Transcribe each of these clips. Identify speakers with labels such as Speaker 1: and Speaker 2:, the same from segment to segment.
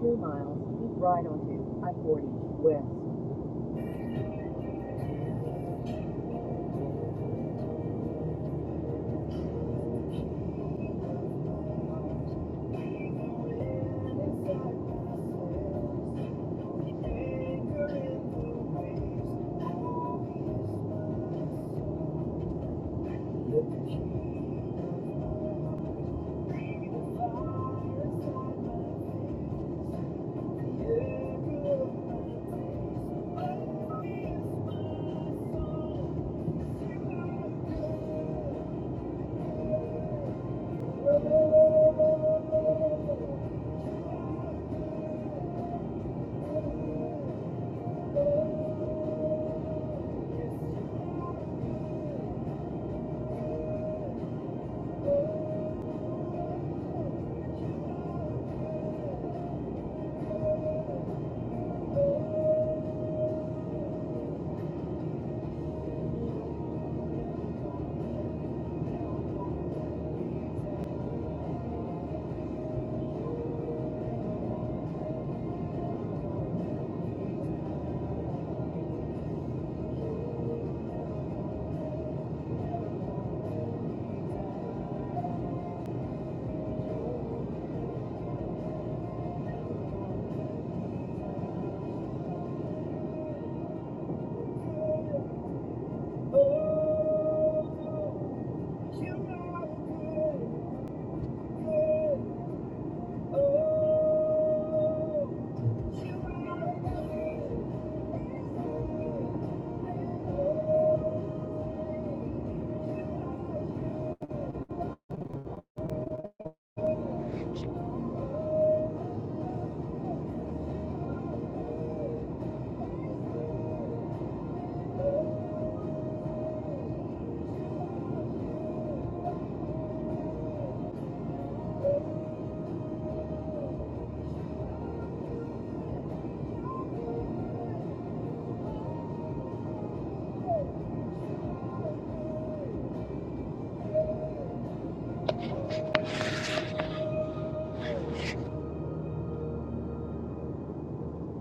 Speaker 1: Two miles, keep right onto I-40 west.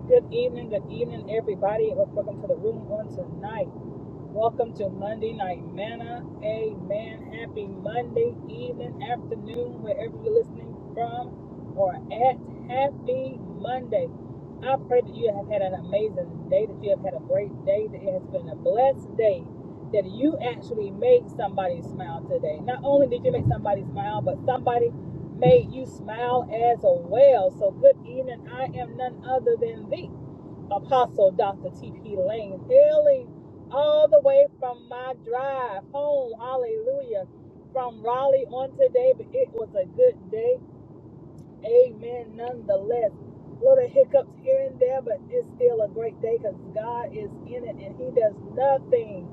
Speaker 1: Good evening, good evening, everybody. Welcome to the room on tonight. Welcome to Monday Night Manna. Amen. Happy Monday evening, afternoon, wherever you're listening from or at. Happy Monday. I pray that you have had an amazing day, that you have had a great day, that it has been a blessed day, that you actually made somebody smile today. Not only did you make somebody smile, but somebody made you smile as well. So good evening. I am none other than the Apostle Dr. T.P. Lane, hailing all the way from my drive home. Hallelujah. From Raleigh on today, but it was a good day. Amen. Nonetheless, little hiccups here and there, but it's still a great day because God is in it and He does nothing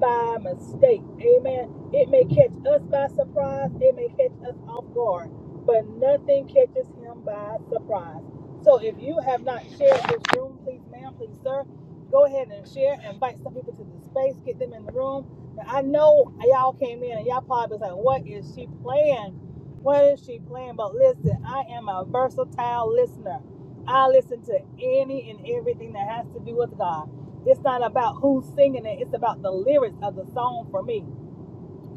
Speaker 1: by mistake. Amen. It may catch us by surprise, it may catch us off guard, but nothing catches Him by surprise. So if you have not shared this room, please, ma'am, please, sir, go ahead and share. Invite some people to the space, get them in the room. Now, I know y'all came in and y'all probably was like, what is she playing? What is she playing? But listen, I am a versatile listener. I listen to any and everything that has to do with God. It's not about who's singing it, it's about the lyrics of the song for me.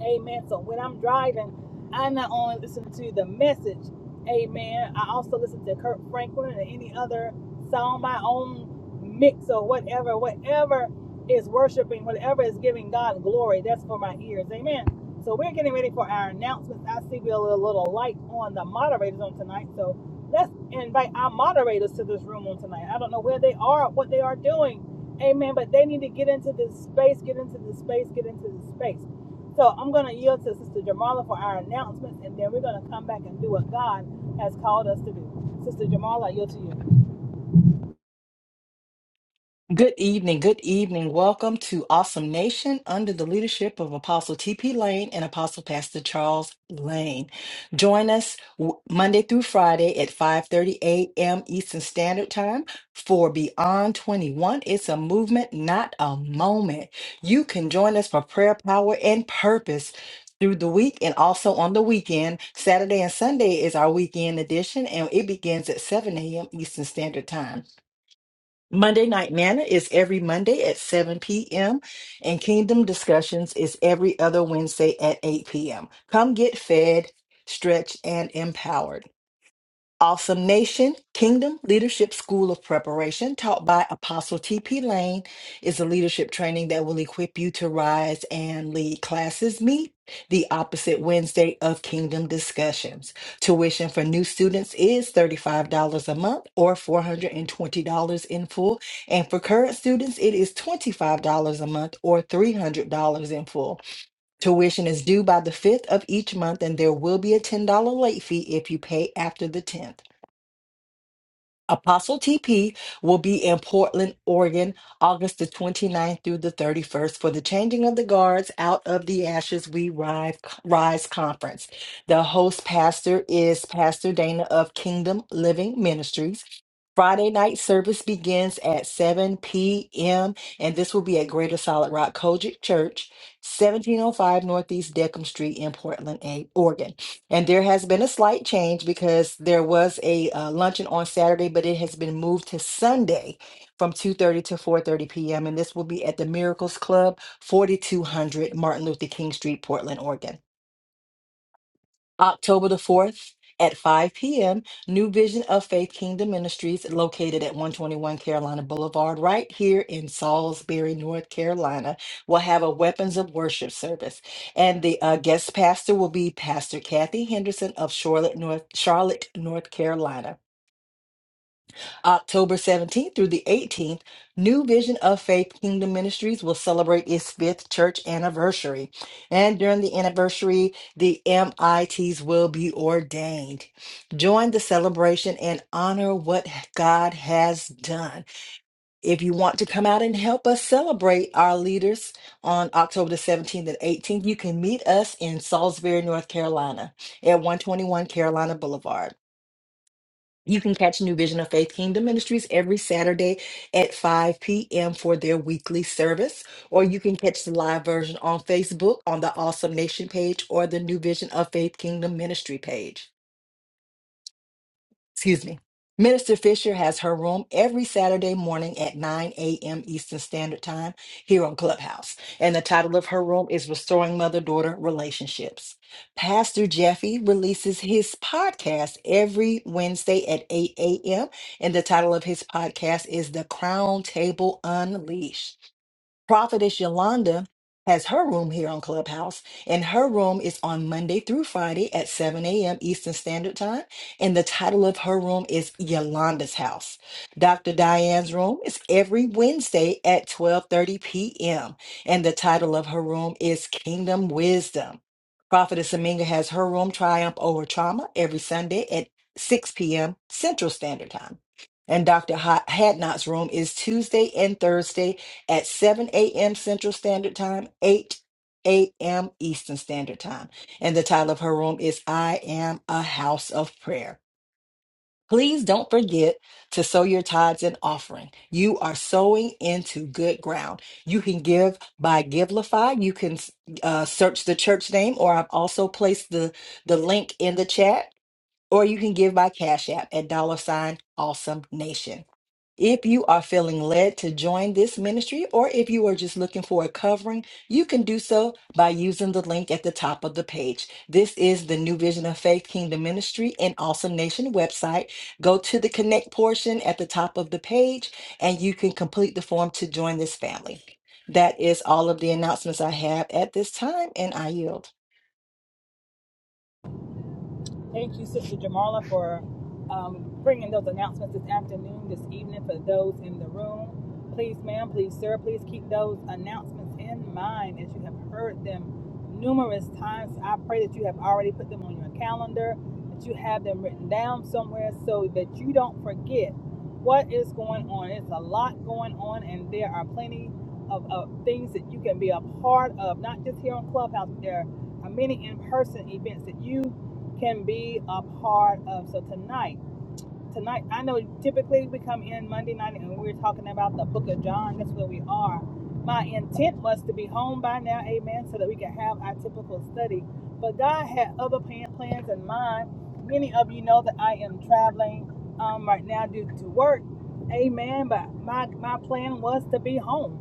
Speaker 1: Amen. So when I'm driving, I not only listen to the message, amen, I also listen to Kurt Franklin and any other song, my own mix or whatever, whatever is worshiping, whatever is giving God glory, that's for my ears. Amen. So we're getting ready for our announcements. I see we're a little light on the moderators on tonight. So let's invite our moderators to this room on tonight. I don't know where they are, what they are doing. Amen. But they need to get into this space, get into this space, get into this space. So I'm going to yield to Sister Jamala for our announcements, and then we're going to come back and do what God has called us to do. Sister Jamala, I yield to you.
Speaker 2: Good evening. Good evening. Welcome to Awesome Nation under the leadership of Apostle T.P. Lane and Apostle Pastor Charles Lane. Join us w- Monday through Friday at 5:30 a.m. Eastern Standard Time for Beyond 21. It's a movement, not a moment. You can join us for prayer, power, and purpose. Through the week and also on the weekend. Saturday and Sunday is our weekend edition, and it begins at 7 a.m. Eastern Standard Time. Monday Night Nana is every Monday at 7 p.m., and Kingdom Discussions is every other Wednesday at 8 p.m. Come get fed, stretched, and empowered. Awesome Nation Kingdom Leadership School of Preparation, taught by Apostle T.P. Lane, is a leadership training that will equip you to rise and lead. Classes meet the opposite Wednesday of Kingdom Discussions. Tuition for new students is $35 a month or $420 in full. And for current students, it is $25 a month or $300 in full. Tuition is due by the 5th of each month, and there will be a $10 late fee if you pay after the 10th. Apostle TP will be in Portland, Oregon, August the 29th through the 31st for the Changing of the Guards Out of the Ashes We Rise, Rise Conference. The host pastor is Pastor Dana of Kingdom Living Ministries. Friday night service begins at 7 p.m., and this will be at Greater Solid Rock Kojic Church, 1705 Northeast Deckham Street in Portland, A- Oregon. And there has been a slight change because there was a uh, luncheon on Saturday, but it has been moved to Sunday from 2:30 to 4:30 p.m. And this will be at the Miracles Club, 4200 Martin Luther King Street, Portland, Oregon. October the 4th at 5 p.m., New Vision of Faith Kingdom Ministries, located at 121 Carolina Boulevard, right here in Salisbury, North Carolina, will have a Weapons of Worship service. And the uh, guest pastor will be Pastor Kathy Henderson of Charlotte, North, Charlotte, North Carolina. October 17th through the 18th, New Vision of Faith Kingdom Ministries will celebrate its fifth church anniversary. And during the anniversary, the MITs will be ordained. Join the celebration and honor what God has done. If you want to come out and help us celebrate our leaders on October the 17th and 18th, you can meet us in Salisbury, North Carolina at 121 Carolina Boulevard. You can catch New Vision of Faith Kingdom Ministries every Saturday at 5 p.m. for their weekly service, or you can catch the live version on Facebook on the Awesome Nation page or the New Vision of Faith Kingdom Ministry page excuse me. Minister Fisher has her room every Saturday morning at 9 a.m. Eastern Standard Time here on Clubhouse. And the title of her room is Restoring Mother Daughter Relationships. Pastor Jeffy releases his podcast every Wednesday at 8 a.m. And the title of his podcast is The Crown Table Unleashed. Prophetess Yolanda has her room here on Clubhouse, and her room is on Monday through Friday at 7 a.m. Eastern Standard Time. And the title of her room is Yolanda's House. Dr. Diane's room is every Wednesday at 12:30 p.m. And the title of her room is Kingdom Wisdom. Prophetess Aminga has her room Triumph Over Trauma every Sunday at 6 p.m. Central Standard Time. And Dr. Ha- Hadnot's room is Tuesday and Thursday at 7 a.m. Central Standard Time, 8 a.m. Eastern Standard Time. And the title of her room is I Am a House of Prayer. Please don't forget to sow your tithes and offering. You are sowing into good ground. You can give by Givelify. You can uh, search the church name, or I've also placed the, the link in the chat, or you can give by Cash App at dollar sign awesome nation. If you are feeling led to join this ministry, or if you are just looking for a covering, you can do so by using the link at the top of the page. This is the New Vision of Faith Kingdom Ministry and Awesome Nation website. Go to the connect portion at the top of the page and you can complete the form to join this family. That is all of the announcements I have at this time, and I yield.
Speaker 1: Thank you, Sister Jamala, for um, bringing those announcements this afternoon, this evening for those in the room. Please, ma'am, please, sir, please keep those announcements in mind as you have heard them numerous times. I pray that you have already put them on your calendar, that you have them written down somewhere so that you don't forget what is going on. It's a lot going on, and there are plenty of, of things that you can be a part of, not just here on Clubhouse, there are many in person events that you can be a part of. So tonight, tonight, I know typically we come in Monday night and we're talking about the Book of John. That's where we are. My intent was to be home by now, Amen, so that we could have our typical study. But God had other plan, plans in mind. Many of you know that I am traveling um, right now due to work, Amen. But my my plan was to be home.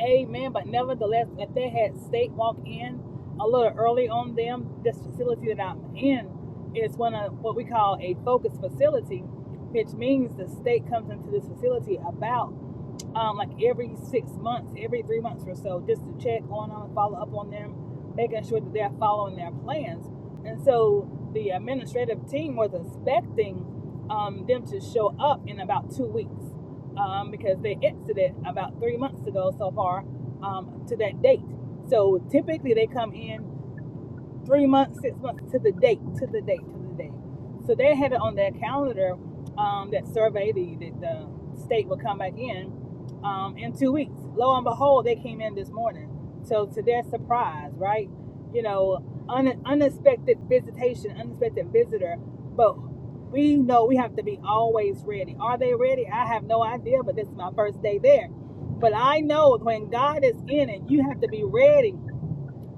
Speaker 1: Amen. But nevertheless, if they had state walk in a little early on them, this facility that I'm in is one of what we call a focus facility, which means the state comes into this facility about um, like every six months, every three months or so, just to check on them, follow up on them, making sure that they're following their plans. And so the administrative team was expecting um, them to show up in about two weeks um, because they exited about three months ago so far um, to that date. So typically they come in three months, six months to the date, to the date, to the date. So they had it on their calendar, um, that survey the, the, the state would come back in um, in two weeks. Lo and behold, they came in this morning. So to their surprise, right? You know, un- unexpected visitation, unexpected visitor, but we know we have to be always ready. Are they ready? I have no idea, but this is my first day there. But I know when God is in it, you have to be ready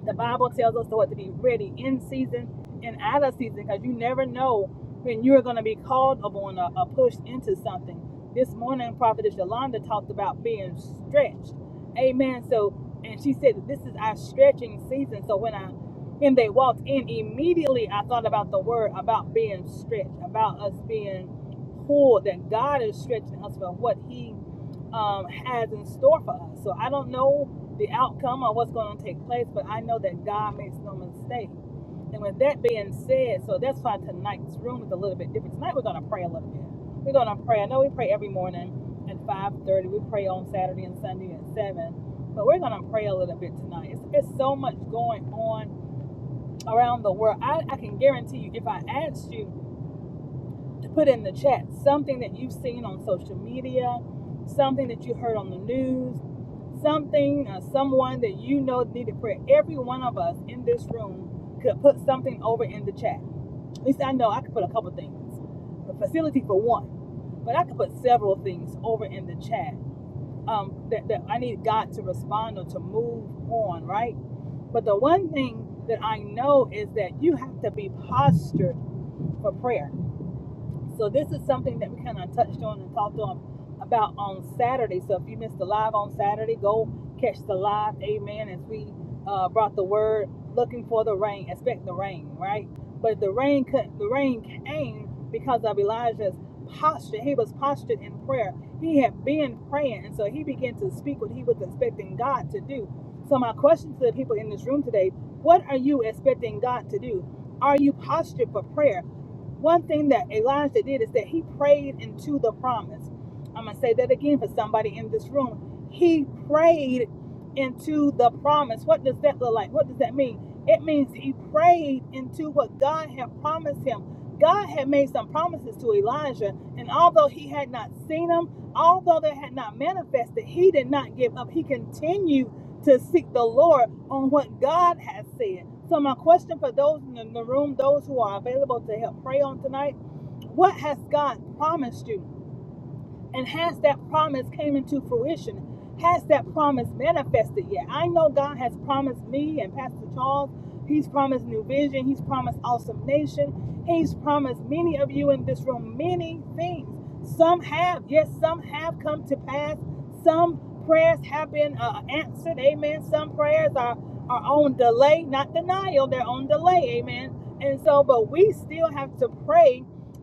Speaker 1: the Bible tells us what to be ready in season and out of season because you never know when you're going to be called upon or, or pushed into something. This morning, Prophetess Yolanda talked about being stretched. Amen. So, and she said, This is our stretching season. So, when I when they walked in, immediately I thought about the word about being stretched, about us being pulled, that God is stretching us for what He um, has in store for us. So I don't know the outcome or what's going to take place, but I know that God makes no mistake. And with that being said, so that's why tonight's room is a little bit different. Tonight we're going to pray a little bit. We're going to pray. I know we pray every morning at 5:30. We pray on Saturday and Sunday at 7. But we're going to pray a little bit tonight. It's, it's so much going on around the world. I, I can guarantee you, if I asked you to put in the chat something that you've seen on social media, something that you heard on the news, something or someone that you know needed prayer. Every one of us in this room could put something over in the chat. At least I know I could put a couple things. The facility for one, but I could put several things over in the chat um, that, that I need God to respond or to move on, right? But the one thing that I know is that you have to be postured for prayer so this is something that we kind of touched on and talked on about on Saturday. So if you missed the live on Saturday, go catch the live. Amen. As we uh, brought the word, looking for the rain, expect the rain, right? But the rain, could, the rain came because of Elijah's posture. He was postured in prayer. He had been praying, and so he began to speak what he was expecting God to do. So my question to the people in this room today: What are you expecting God to do? Are you postured for prayer? One thing that Elijah did is that he prayed into the promise. I'm going to say that again for somebody in this room. He prayed into the promise. What does that look like? What does that mean? It means he prayed into what God had promised him. God had made some promises to Elijah, and although he had not seen them, although they had not manifested, he did not give up. He continued to seek the Lord on what God has said. So, my question for those in the the room, those who are available to help pray on tonight, what has God promised you? And has that promise came into fruition? Has that promise manifested yet? I know God has promised me and Pastor Charles. He's promised New Vision. He's promised Awesome Nation. He's promised many of you in this room many things. Some have, yes, some have come to pass. Some prayers have been uh, answered. Amen. Some prayers are, are on delay, not denial. They're on delay. Amen. And so, but we still have to pray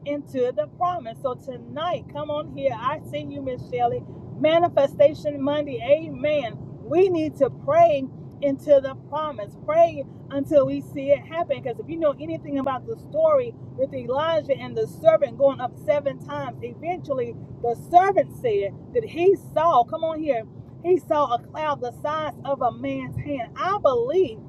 Speaker 1: into the promise. So tonight, come on here. I see you, Miss Shelley. Manifestation Monday. Amen. We need to pray into the promise. Pray until we see it happen. Because if you know anything about the story with Elijah and the servant going up seven times, eventually the servant said that he saw, come on here, he saw a cloud the size of a man's hand. I believe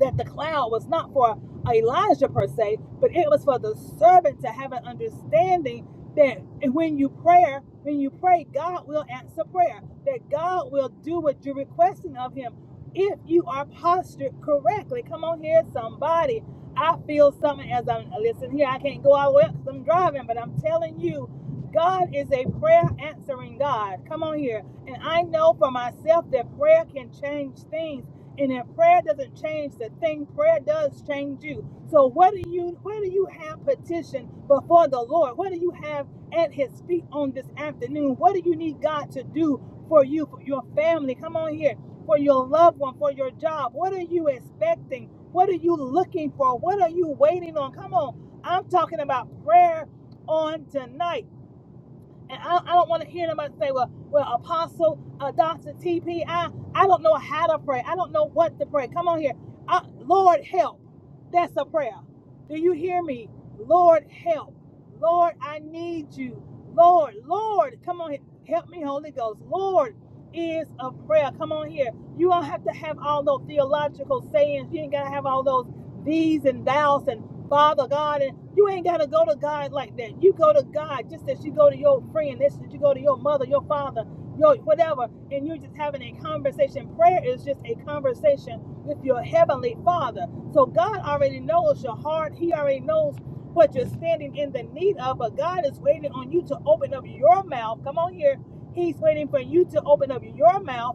Speaker 1: that the cloud was not for Elijah per se, but it was for the servant to have an understanding that when you pray, when you pray, God will answer prayer, that God will do what you're requesting of him if you are postured correctly. Come on here, somebody. I feel something as I'm listening here. I can't go out well because I'm driving, but I'm telling you, God is a prayer answering God. Come on here. And I know for myself that prayer can change things and if prayer doesn't change the thing, prayer does change you. So what do you where do you have petition before the Lord? What do you have at his feet on this afternoon? What do you need God to do for you, for your family? Come on here, for your loved one, for your job. What are you expecting? What are you looking for? What are you waiting on? Come on. I'm talking about prayer on tonight. And I, I don't want to hear nobody say, well, well, Apostle, uh, Dr. TP, I, I don't know how to pray. I don't know what to pray. Come on here. Uh, Lord, help. That's a prayer. Do you hear me? Lord, help. Lord, I need you. Lord, Lord, come on here. Help me, Holy Ghost. Lord is a prayer. Come on here. You don't have to have all those theological sayings. You ain't got to have all those these and thous and Father God, and you ain't gotta go to God like that. You go to God just as you go to your friend, just as you go to your mother, your father, your whatever, and you're just having a conversation. Prayer is just a conversation with your heavenly father. So God already knows your heart, He already knows what you're standing in the need of, but God is waiting on you to open up your mouth. Come on here. He's waiting for you to open up your mouth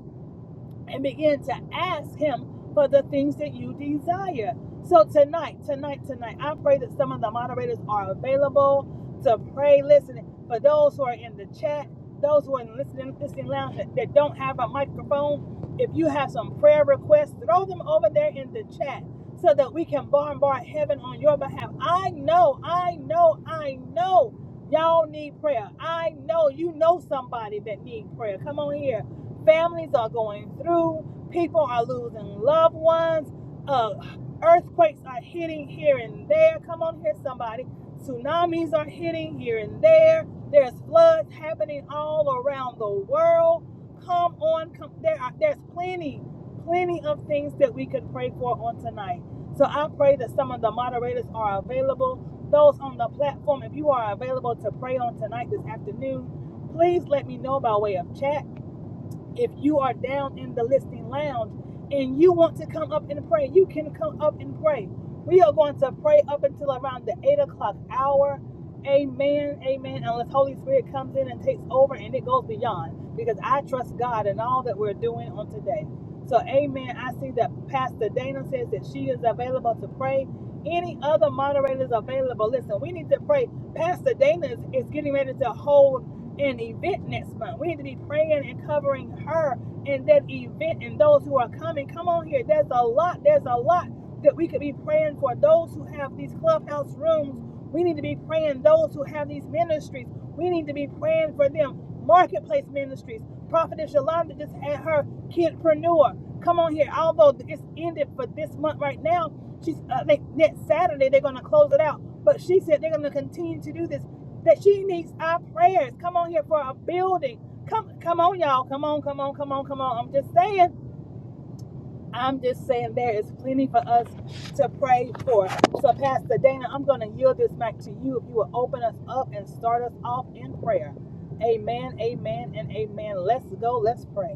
Speaker 1: and begin to ask him for the things that you desire. So tonight, tonight, tonight, I pray that some of the moderators are available to pray. Listen, for those who are in the chat, those who are in listening listening lounge that, that don't have a microphone, if you have some prayer requests, throw them over there in the chat so that we can bombard heaven on your behalf. I know, I know, I know y'all need prayer. I know you know somebody that needs prayer. Come on here. Families are going through. People are losing loved ones. Uh, earthquakes are hitting here and there. Come on here, somebody. Tsunamis are hitting here and there. There's floods happening all around the world. Come on, come, there are, there's plenty, plenty of things that we could pray for on tonight. So I pray that some of the moderators are available. Those on the platform, if you are available to pray on tonight this afternoon, please let me know by way of chat if you are down in the listening lounge and you want to come up and pray, you can come up and pray. We are going to pray up until around the eight o'clock hour. Amen. Amen. Unless Holy Spirit comes in and takes over and it goes beyond. Because I trust God in all that we're doing on today. So amen. I see that Pastor Dana says that she is available to pray. Any other moderators available? Listen, we need to pray. Pastor Dana is, is getting ready to hold an event next month. We need to be praying and covering her and that event and those who are coming. Come on here. There's a lot. There's a lot that we could be praying for. Those who have these clubhouse rooms, we need to be praying. Those who have these ministries, we need to be praying for them. Marketplace ministries. Prophetess Yolanda just had her kidpreneur. Come on here. Although it's ended for this month right now, she's uh, they, next Saturday they're going to close it out. But she said they're going to continue to do this that she needs our prayers. Come on here for a building. Come, come on, y'all. Come on, come on, come on, come on. I'm just saying. I'm just saying there is plenty for us to pray for. So, Pastor Dana, I'm going to yield this back to you if you will open us up and start us off in prayer. Amen, amen, and amen. Let's go. Let's pray.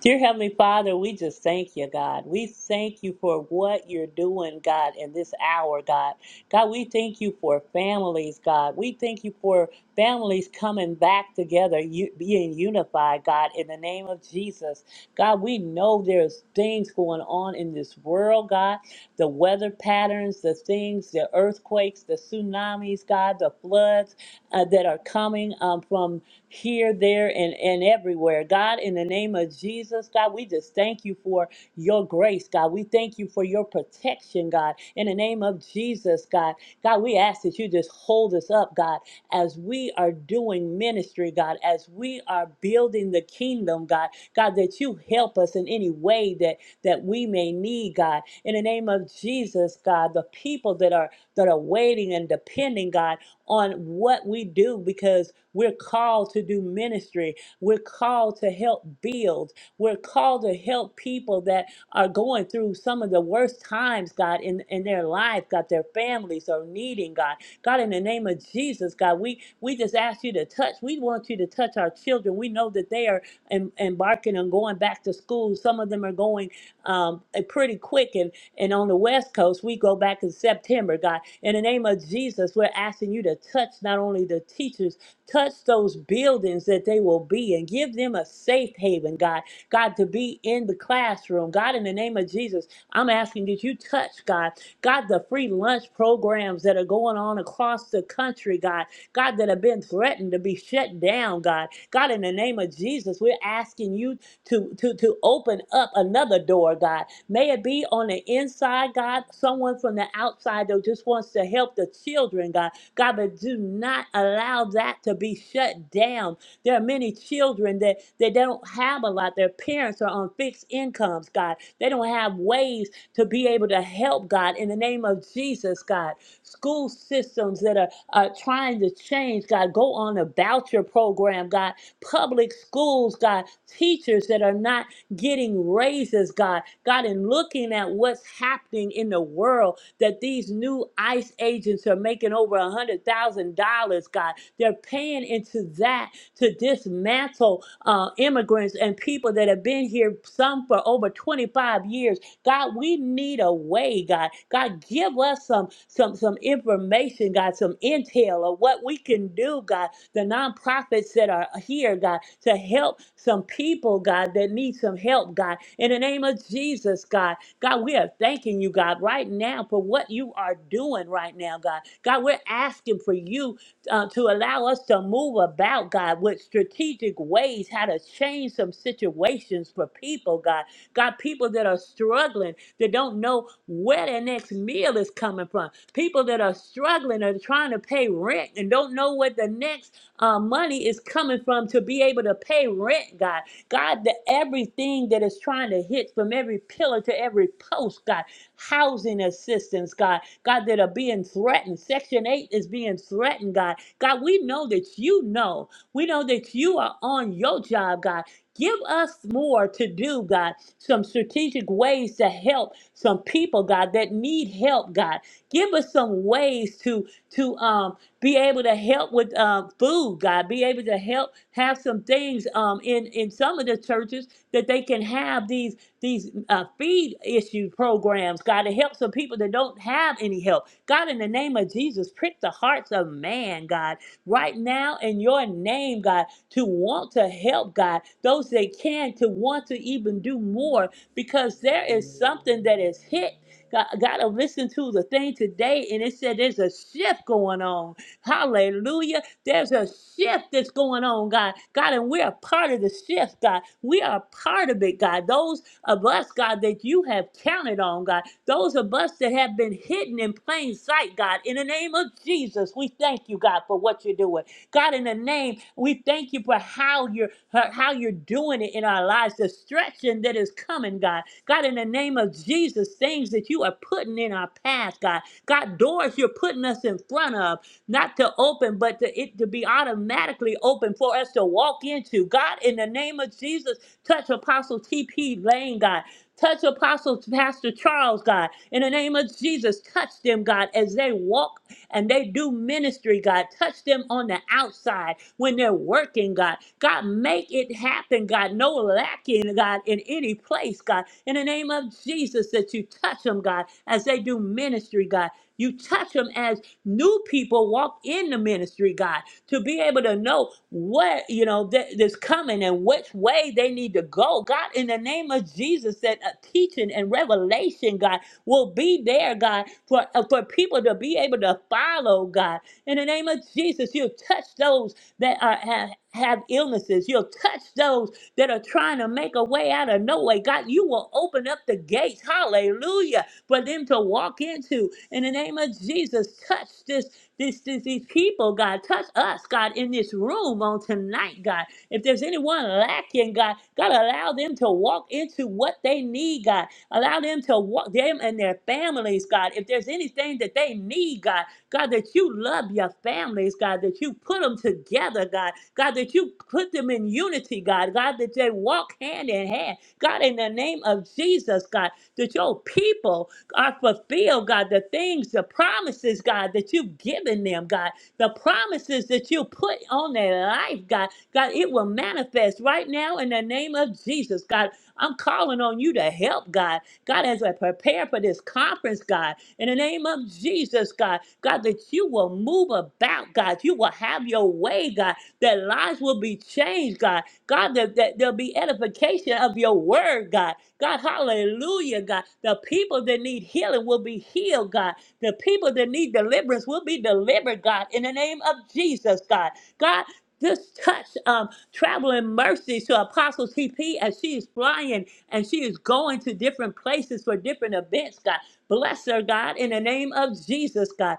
Speaker 3: Dear Heavenly Father, we just thank you, God. We thank you for what you're doing, God, in this hour, God. God, we thank you for families, God. We thank you for families coming back together, you, being unified, God, in the name of Jesus. God, we know there's things going on in this world, God. The weather patterns, the things, the earthquakes, the tsunamis, God, the floods uh, that are coming um, from here, there, and, and everywhere. God, in the name of Jesus, God, we just thank you for your grace, God. We thank you for your protection, God. In the name of Jesus, God. God, we ask that you just hold us up, God, as we are doing ministry, God, as we are building the kingdom, God. God, that you help us in any way that that we may need, God. In the name of Jesus, God, the people that are that are waiting and depending, God on what we do because we're called to do ministry. We're called to help build. We're called to help people that are going through some of the worst times, God, in, in their life, God, their families are needing, God. God, in the name of Jesus, God, we, we just ask you to touch. We want you to touch our children. We know that they are em- embarking on going back to school. Some of them are going um, pretty quick. and. And on the West Coast, we go back in September, God. In the name of Jesus, we're asking you to touch not only the teachers, touch those buildings that they will be and give them a safe haven, God. God, to be in the classroom. God, in the name of Jesus, I'm asking that you touch, God. God, the free lunch programs that are going on across the country, God. God, that have been threatened to be shut down, God. God, in the name of Jesus, we're asking you to, to, to open up another door, God. May it be on the inside, God. Someone from the outside, though, just wants to help the children, God. God, but do not allow that to be shut down. There are many children that, that don't have a lot. Their parents are on fixed incomes, God. They don't have ways to be able to help, God, in the name of Jesus, God. School systems that are, are trying to change, God. Go on a voucher program, God, public schools, God, teachers that are not getting raises, God, God, and looking at what's happening in the world, that these new ICE agents are making over a hundred thousand dollars, God, they're paying into that to dismantle uh, immigrants and people that have been here, some for over 25 years. God, we need a way, God. God, give us some some some information, God, some intel of what we can do, God the nonprofits that are here, God, to help some people, God, that need some help, God. In the name of Jesus, God, God, we are thanking you, God, right now for what you are doing right now, God. God, we're asking for you uh, to allow us to move about, God, with strategic ways, how to change some situations for people, God. God, people that are struggling, that don't know where their next meal is coming from. People that are struggling are trying to pay rent and don't know what the next uh, money is coming from to be able to pay rent, God. God, that everything that is trying to hit from every pillar to every post, God, housing assistance, God, God, that are being threatened. Section 8 is being threatened, God. God, we know that you know. We know that you are on your job, God. Give us more to do, God. Some strategic ways to help some people, God, that need help, God. Give us some ways to to um be able to help with uh, food, God. Be able to help have some things um, in in some of the churches that they can have these these uh, feed issue programs, God, to help some people that don't have any help. God, in the name of Jesus, prick the hearts of man, God, right now in Your name, God, to want to help, God, those that can to want to even do more because there is something that is hit. God, God, to listen to the thing today, and it said there's a shift going on Hallelujah. There's a shift that's going on, God. God, and we're a part of the shift, God. We are a part of it, God. Those of us, God, that you have counted on, God. Those of us that have been hidden in plain sight, God. In the name of Jesus, we thank you, God, for what you're doing. God, in the name, we thank you for how you're for how you're doing it in our lives, the stretching that is coming, God. God, in the name of Jesus, things that you are putting in our path, God. God, doors you're putting us in front of not to open, but to it to be automatically open for us to walk into. God, in the name of Jesus, touch Apostle T.P. Lane, God. Touch Apostle Pastor Charles, God. In the name of Jesus, touch them, God, as they walk and they do ministry, God. Touch them on the outside when they're working, God. God, make it happen, God. No lacking, God, in any place, God. In the name of Jesus, that you touch them, God, as they do ministry, God. You touch them as new people walk in the ministry, God, to be able to know what, you know, that is coming and which way they need to go. God, in the name of Jesus, that uh, teaching and revelation, God, will be there, God, for, uh, for people to be able to follow, God. In the name of Jesus, you'll touch those that are, have, have illnesses. You'll touch those that are trying to make a way out of no way. God, you will open up the gates. Hallelujah for them to walk into. In the name of Jesus, touch this, this, this these people, God. Touch us, God, in this room on tonight, God. If there's anyone lacking, God, God, allow them to walk into what they need, God. Allow them to walk them and their families, God. If there's anything that they need, God, God, that you love your families, God, that you put them together, God, God, that you put them in unity, God, God, that they walk hand in hand, God, in the name of Jesus, God, that your people are fulfilled, God, the things, the promises, God, that you've given them, God, the promises that you put on their life, God, God, it will manifest right now in the name of Jesus, God. I'm calling on you to help, God. God, as I prepare for this conference, God, in the name of Jesus, God, God, that you will move about, God. You will have your way, God. That lives will be changed, God. God, that, that there'll be edification of your word, God. God, hallelujah, God. The people that need healing will be healed, God. The people that need deliverance will be delivered, God, in the name of Jesus, God. God, just touch um, traveling mercies to Apostle TP as she is flying and she is going to different places for different events, God. Bless her, God, in the name of Jesus, God.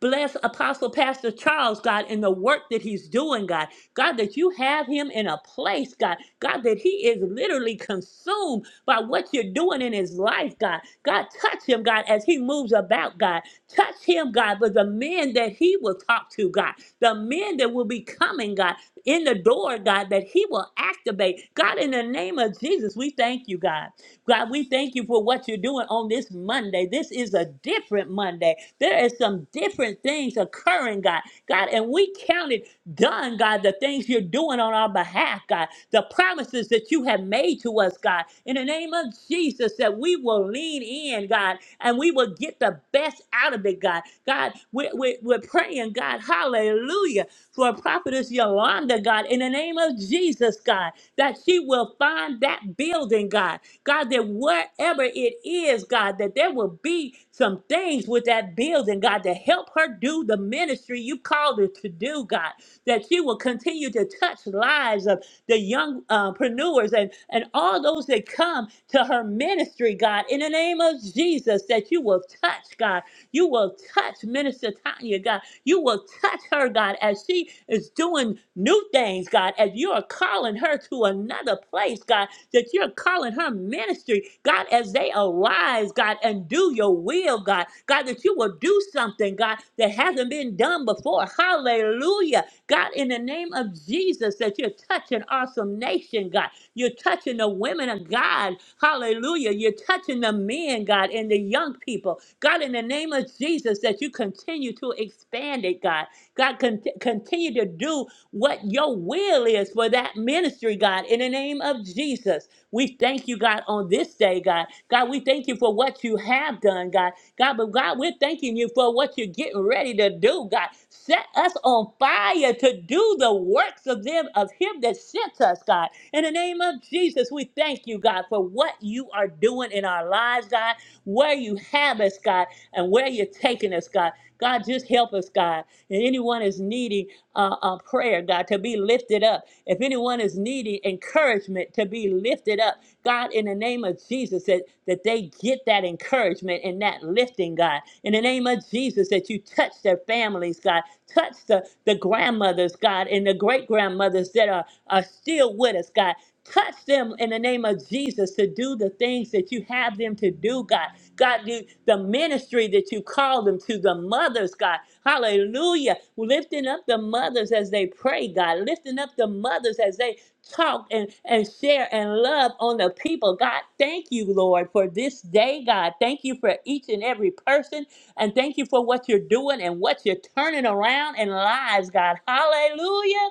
Speaker 3: Bless Apostle Pastor Charles, God, in the work that he's doing, God. God, that you have him in a place, God. God, that he is literally consumed by what you're doing in his life, God. God, touch him, God, as he moves about, God. Touch him, God, with the men that he will talk to, God. The men that will be coming, God, in the door, God, that he will activate. God, in the name of Jesus, we thank you, God. God, we thank you for what you're doing on this Monday. This is a different Monday. There is some different things occurring, God. God, and we counted done, God, the things you're doing on our behalf, God, the promises that you have made to us, God, in the name of Jesus, that we will lean in, God, and we will get the best out of it, God. God, we're, we're, we're praying, God, hallelujah, for prophetess Yolanda, God, in the name of Jesus, God, that she will find that building, God. God, that wherever it is, God, that there will be some things with that building, God, to help her do the ministry you called her to do, God that you will continue to touch lives of the young uh, preneurs and, and all those that come to her ministry, God, in the name of Jesus, that you will touch, God. You will touch Minister Tanya, God. You will touch her, God, as she is doing new things, God, as you are calling her to another place, God, that you're calling her ministry, God, as they arise, God, and do your will, God. God, that you will do something, God, that hasn't been done before. Hallelujah. God, in the name of Jesus, that you're touching awesome nation, God. You're touching the women of God. Hallelujah. You're touching the men, God, and the young people. God, in the name of Jesus, that you continue to expand it, God. God, con- continue to do what your will is for that ministry, God, in the name of Jesus. We thank you, God, on this day, God. God, we thank you for what you have done, God. God, but God, we're thanking you for what you're getting ready to do, God. Set us on fire to do the works of them of him that sent us, God. In the name of Jesus, we thank you, God, for what you are doing in our lives, God, where you have us, God, and where you're taking us, God. God, just help us, God. And anyone is needing uh, uh, prayer, God, to be lifted up. If anyone is needing encouragement to be lifted up, God, in the name of Jesus, that, that they get that encouragement and that lifting, God. In the name of Jesus, that you touch their families, God. Touch the, the grandmothers, God, and the great grandmothers that are, are still with us, God. Touch them in the name of Jesus to do the things that you have them to do, God. God, the, the ministry that you call them to, the mothers, God. Hallelujah. Lifting up the mothers as they pray, God. Lifting up the mothers as they talk and, and share and love on the people. God, thank you, Lord, for this day, God. Thank you for each and every person. And thank you for what you're doing and what you're turning around in lives, God. Hallelujah.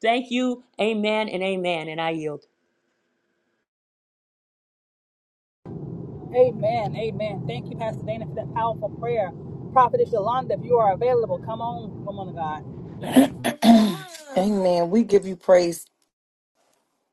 Speaker 3: Thank you. Amen and amen. And I yield.
Speaker 1: Amen, amen. Thank you, Pastor Dana, for that powerful prayer. Prophetess Yolanda, if you are available, come on, woman of God.
Speaker 4: Amen. We give you praise.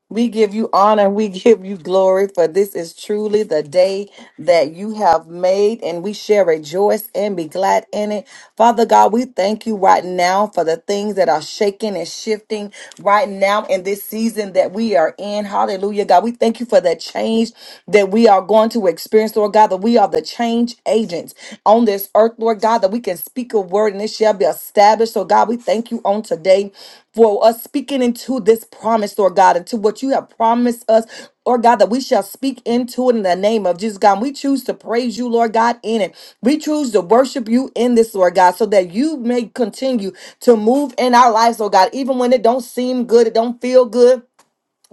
Speaker 4: We give you honor. We give you glory. For this is truly the day that you have made, and we shall rejoice and be glad in it. Father God, we thank you right now for the things that are shaking and shifting right now in this season that we are in. Hallelujah, God. We thank you for the change that we are going to experience, Lord God, that we are the change agents on this earth, Lord God, that we can speak a word and it shall be established. So, God, we thank you on today for us speaking into this promise, Lord God, into what you have promised us, Lord God, that we shall speak into it in the name of Jesus, God. we choose to praise you, Lord God, in it. We choose to worship you in this, Lord God, so that you may continue to move in our lives, Lord God, even when it don't seem good, it don't feel good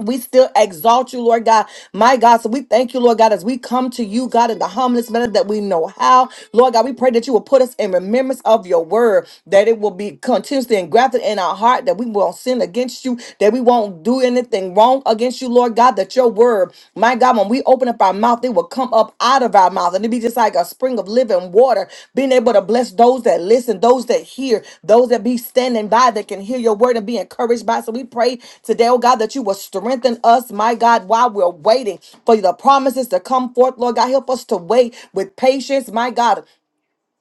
Speaker 4: we still exalt you, Lord God. My God, so we thank you, Lord God, as we come to you, God, in the humblest manner that we know how. Lord God, we pray that you will put us in remembrance of your word, that it will be continuously engrafted in our heart, that we won't sin against you, that we won't do anything wrong against you, Lord God, that your word, my God, when we open up our mouth, mouth, it will come up out of our mouth. And it'd be just like a spring of living water, being able to bless those that listen, those that hear, those that be standing by that can hear your word and be encouraged by. So we pray today, oh God, that you will strengthen us, my God, while we're waiting for the promises to come forth. Lord God, help us to wait with patience, my God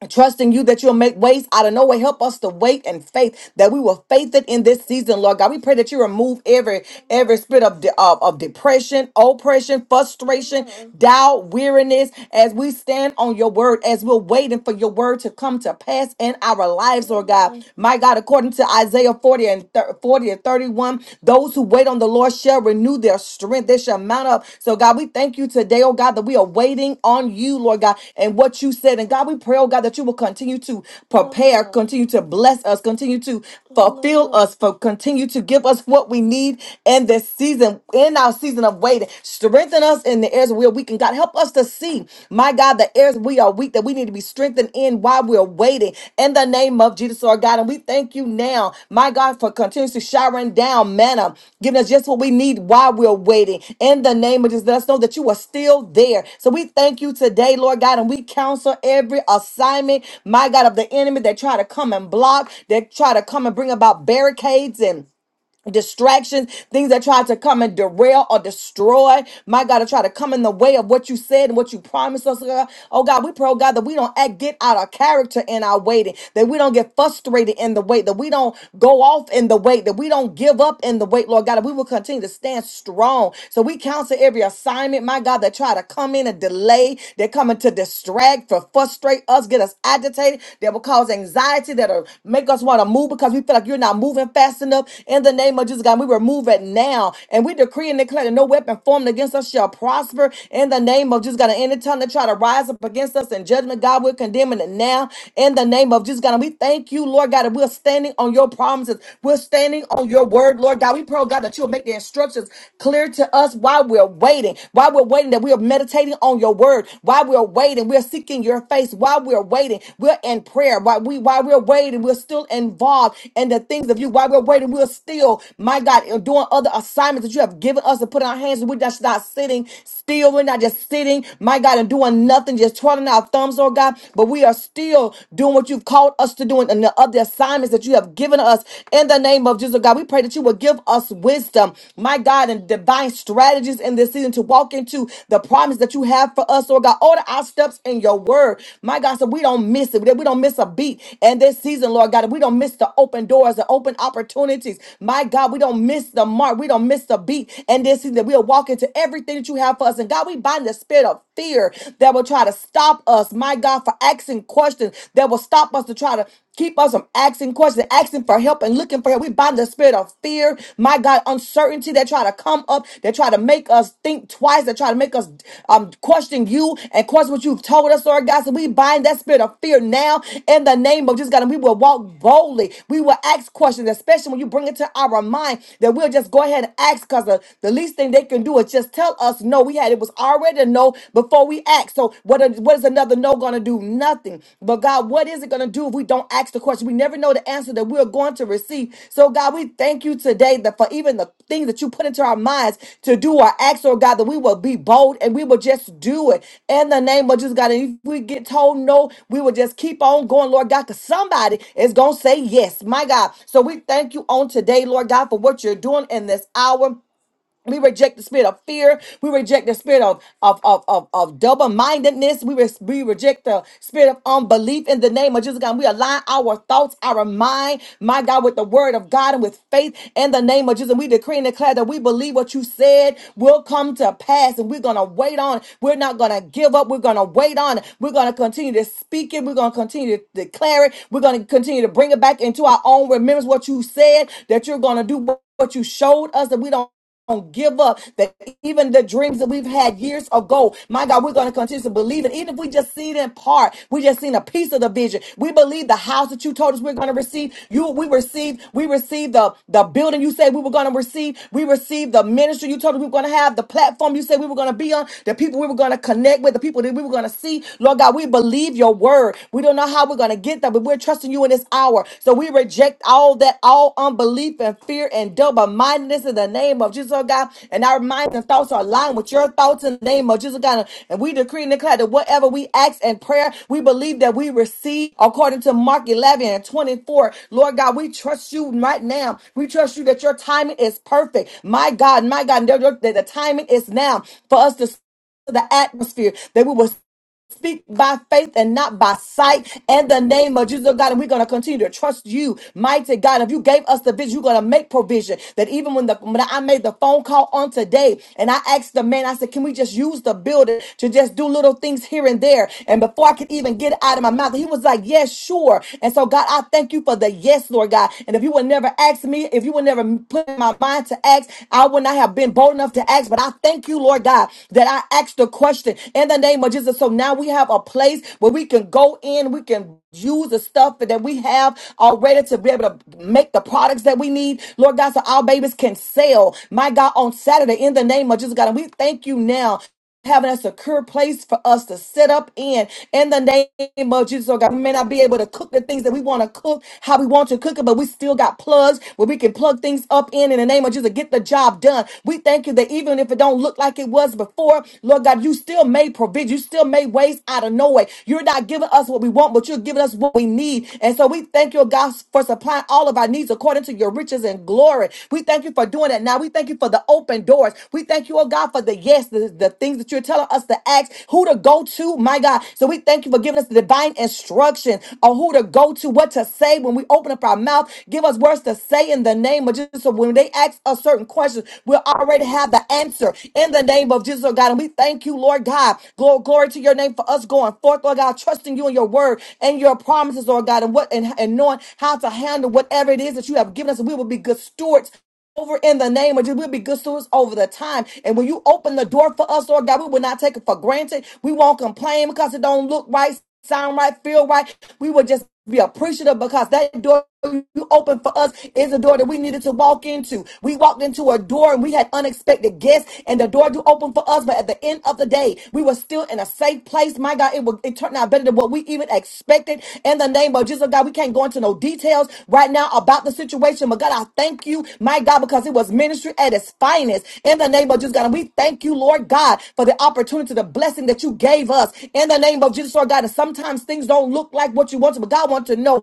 Speaker 4: Trusting you that you'll make ways out of no way. Help us to wait in faith that we will faith it in this season, Lord God. We pray that you remove every every spirit of de- of, of depression, oppression, frustration, Mhm. doubt, weariness, as we stand on your word, as we're waiting for your word to come to pass in our lives, Lord God. Mhm. My God, according to Isaiah 40 and thir- 40 and 31, those who wait wait on the Lord shall renew their strength. They shall mount up. So, God, we thank you today, oh God, that we are waiting on you, Lord God, and what you said. And God, we pray, oh God, that you will continue to prepare, continue to bless us, continue to fulfill us, for continue to give us what we need in this season, in our season of waiting. Strengthen us in the areas where we can, God, help us to see, my God, the areas we are we are weak, that we need to be strengthened in while we're waiting. In the name of Jesus, Lord God. And we thank you now, my God, for continuously showering down manna, giving us just what we need while we're waiting. In the name of Jesus, let us know that you are still there. So we thank you today, Lord God, and we counsel every assignment, my God, of the enemy that try to come and block, that try to come and bring about barricades and distractions, things that try to come and derail or destroy. My God, to try to come in the way of what you said and what you promised us. God. Oh God, we pray, oh God, that we don't act, get out of character in our waiting, that we don't get frustrated in the wait, that we don't go off in the wait, that we don't give up in the wait, Lord God, that we will continue to stand strong. So we counsel every assignment, my God, that try to come in and delay, they're coming to distract, for frustrate us, get us agitated. They will come cause anxiety, that'll make us want to move because we feel like you're not moving fast enough. In the name of Jesus, God, we remove it now. And we decree and declare that no weapon formed against us shall prosper. In the name of Jesus, God, and any tongue that try to rise up against us in judgment, God, we're condemning it now. In the name of Jesus, God, and we thank you, Lord God, that we're standing on your promises. We're standing on your word, Lord God. We pray, oh God, that you'll make the instructions clear to us while we're waiting. While we're waiting, that we'll meditate waiting on your word, while we're waiting, we're seeking your face, while we're waiting, we're in prayer, while, we, while we're waiting, we're still involved in the things of you, while we're waiting, we're still, my God, uh, doing other assignments that you have given us to put in our hands. We're just not sitting still, we're not just sitting, my God, and doing nothing, just twirling our thumbs, oh God, but we are still doing what you've called us to do and the other assignments that you have given us in the name of Jesus, oh God. We pray that you will give us wisdom wisdom, my God, and divine strategies in this season to walk into the promise that you have for us, Lord God. Order our steps in your word, my God, so we don't miss it, that we don't miss a beat in this season, Lord God, that we don't miss the open doors, the open opportunities, my God, we don't miss the mark, we don't miss the beat in this season, that we'll walk into everything that you have for us. And God, we bind the spirit of fear that will try to stop us, my God, for asking questions that will stop us to try to Keep us from asking questions, asking for help, and looking for help. We bind the spirit of fear, my God, uncertainty that try to come up, that try to make us think twice, that try to make us um, question you and question what you've told us, Lord God. So we bind that spirit of fear now in the name of Jesus God, and we will walk boldly. We will ask questions, especially when you bring it to our mind, that we'll just go ahead and ask because the, the least thing they can do is just tell us no. We had it was already a no before we asked ask. So what, a- what is another no going to do? Nothing. But God, what is it going to do if we don't ask the question? We never know the answer that we're going to receive. So God, we thank you today that for even the things that you put into our minds to do or ask, oh God, that we will be bold and we will just do it in the name of Jesus, God. And if we get told no, we will just keep on going, Lord God, because somebody is going to say yes, my God. So we thank you on today, Lord God, for what you're doing in this hour. We reject the spirit of fear. We reject the spirit of of of of, of double mindedness. We res- we reject the spirit of unbelief in the name of Jesus God. We align our thoughts, our mind, my God, with the word of God and with faith in the name of Jesus. And we decree and declare that we believe what you said will come to pass, and we're gonna wait on. it. We're not gonna give up. We're gonna wait on. it. We're gonna continue to speak it. We're gonna continue to declare it. We're gonna continue to bring it back into our own remembrance. What you said that you're gonna do. What what you showed us that we don't don't give up that even the dreams that we've had years ago my god we're going to continue to believe it even if we just see it in part we just seen a piece of the vision we believe the house that you told us we're going to receive you we received we received the the building you said we were going to receive we received the ministry you told us we were going to have the platform you said we were going to be on the people we were going to connect with the people that we were going to see lord god we believe your word we don't know how we're going to get that but we're trusting trusting you in this hour. So we reject all that, all unbelief and fear and double mindedness in the name of Jesus, oh God. And our minds and thoughts are aligned with your thoughts in the name of Jesus, oh God. And we decree and declare that whatever we ask in prayer, we believe that we receive according to Mark 11 and 24. Lord God, we trust you right now. We trust you that your timing is perfect. My God, my God, that that the timing is now for us to the atmosphere that we will speak by faith and not by sight in the name of Jesus oh God. And we're going to continue to trust you, mighty God. If you gave us the vision, you're going to make provision. That even when the when I made the phone call on today and I asked the man, I said, Can we just use the building to just do little things here and there? And before I could even get it out of my mouth, he was like, Yes, sure. And so, God, I thank you for the yes, Lord God. And if you would never ask me, if you would never put in my mind to ask, I would not have been bold enough to ask. But I thank you, Lord God, that I asked ask the question in the name of Jesus. So now we have a place where we can go in, we can use the stuff that we have already to be able to make the products that we need. Lord God, so our babies can sell, my God, on Saturday in the name of Jesus, God. And we thank you now having a secure place for us to sit up in in the name of Jesus. Oh God, we may not be able to cook the things that we want to cook, how we want to cook it, but we still got plugs where we can plug things up in in the name of Jesus. Get the job done. We thank you that even even if it don't look like it was before, Lord God, you still made provision. You still made ways out of no way. You're not giving us what we want, but you're giving us what we need. And so we thank you, God, for supplying all of our needs according to your riches and glory. We thank you for doing that now. We thank you for the open doors. We thank you, oh God, for the yes, the, the things that you're telling us to ask, who to go to, my God. So we thank you for giving us the divine instruction on who to go to, what to say when we open up our mouth. Give us words to say in the name of Jesus. So when they ask us us certain questions, we'll already have the answer in the name of Jesus, oh God. And we thank you, Lord God. Glory, glory to your name for us going forth, Lord God, trusting you and your word and your promises, Lord God, and what and, and knowing how to handle whatever it is that you have given us. We will be good stewards over in the name of Jesus. We'll be good stewards over the time. And when you open the door for us, Lord God, we will not take it for granted. We won't complain because it don't look right, sound right, feel right. We will just we are appreciative because that door you opened for us is a door that we needed to walk into. We walked into a door and we had unexpected guests, and the door you opened for us. But at the end of the day, we were still in a safe place. My God, it, will, it turned out better than what we even expected. In the name of Jesus, God, we God, we can't go into no details right now about the situation, but God, I thank you, my God, because it was ministry at its finest. In the name of Jesus, God, and we thank you, Lord God, for the opportunity, the blessing that you gave us. In the name of Jesus, Lord God, and sometimes things don't look like what you want to, but God wants to know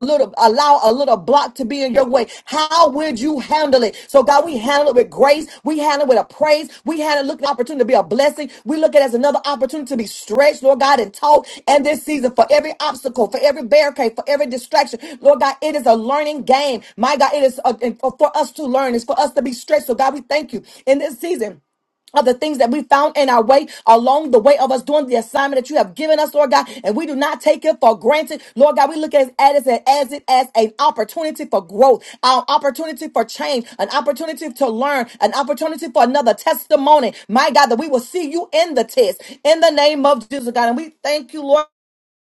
Speaker 4: little allow a little block to be in your way how would you handle it so god we handle it with grace we handle it with a praise we handle it look at the opportunity to be a blessing we look at it as another opportunity to be stretched lord god and taught and this season for every obstacle for every barricade for every distraction lord god it is a learning game my god it is uh, for us to learn it's for us to be stretched so god we thank you in this season of the things that we found in our way along the way of us doing the assignment that you have given us, Lord God, and we do not take it for granted. Lord God, we look at it as, it as it as an opportunity for growth, an opportunity for change, an opportunity to learn, an opportunity for another testimony. My God, that we will see you in the test in the name of Jesus, God. And we thank you, Lord.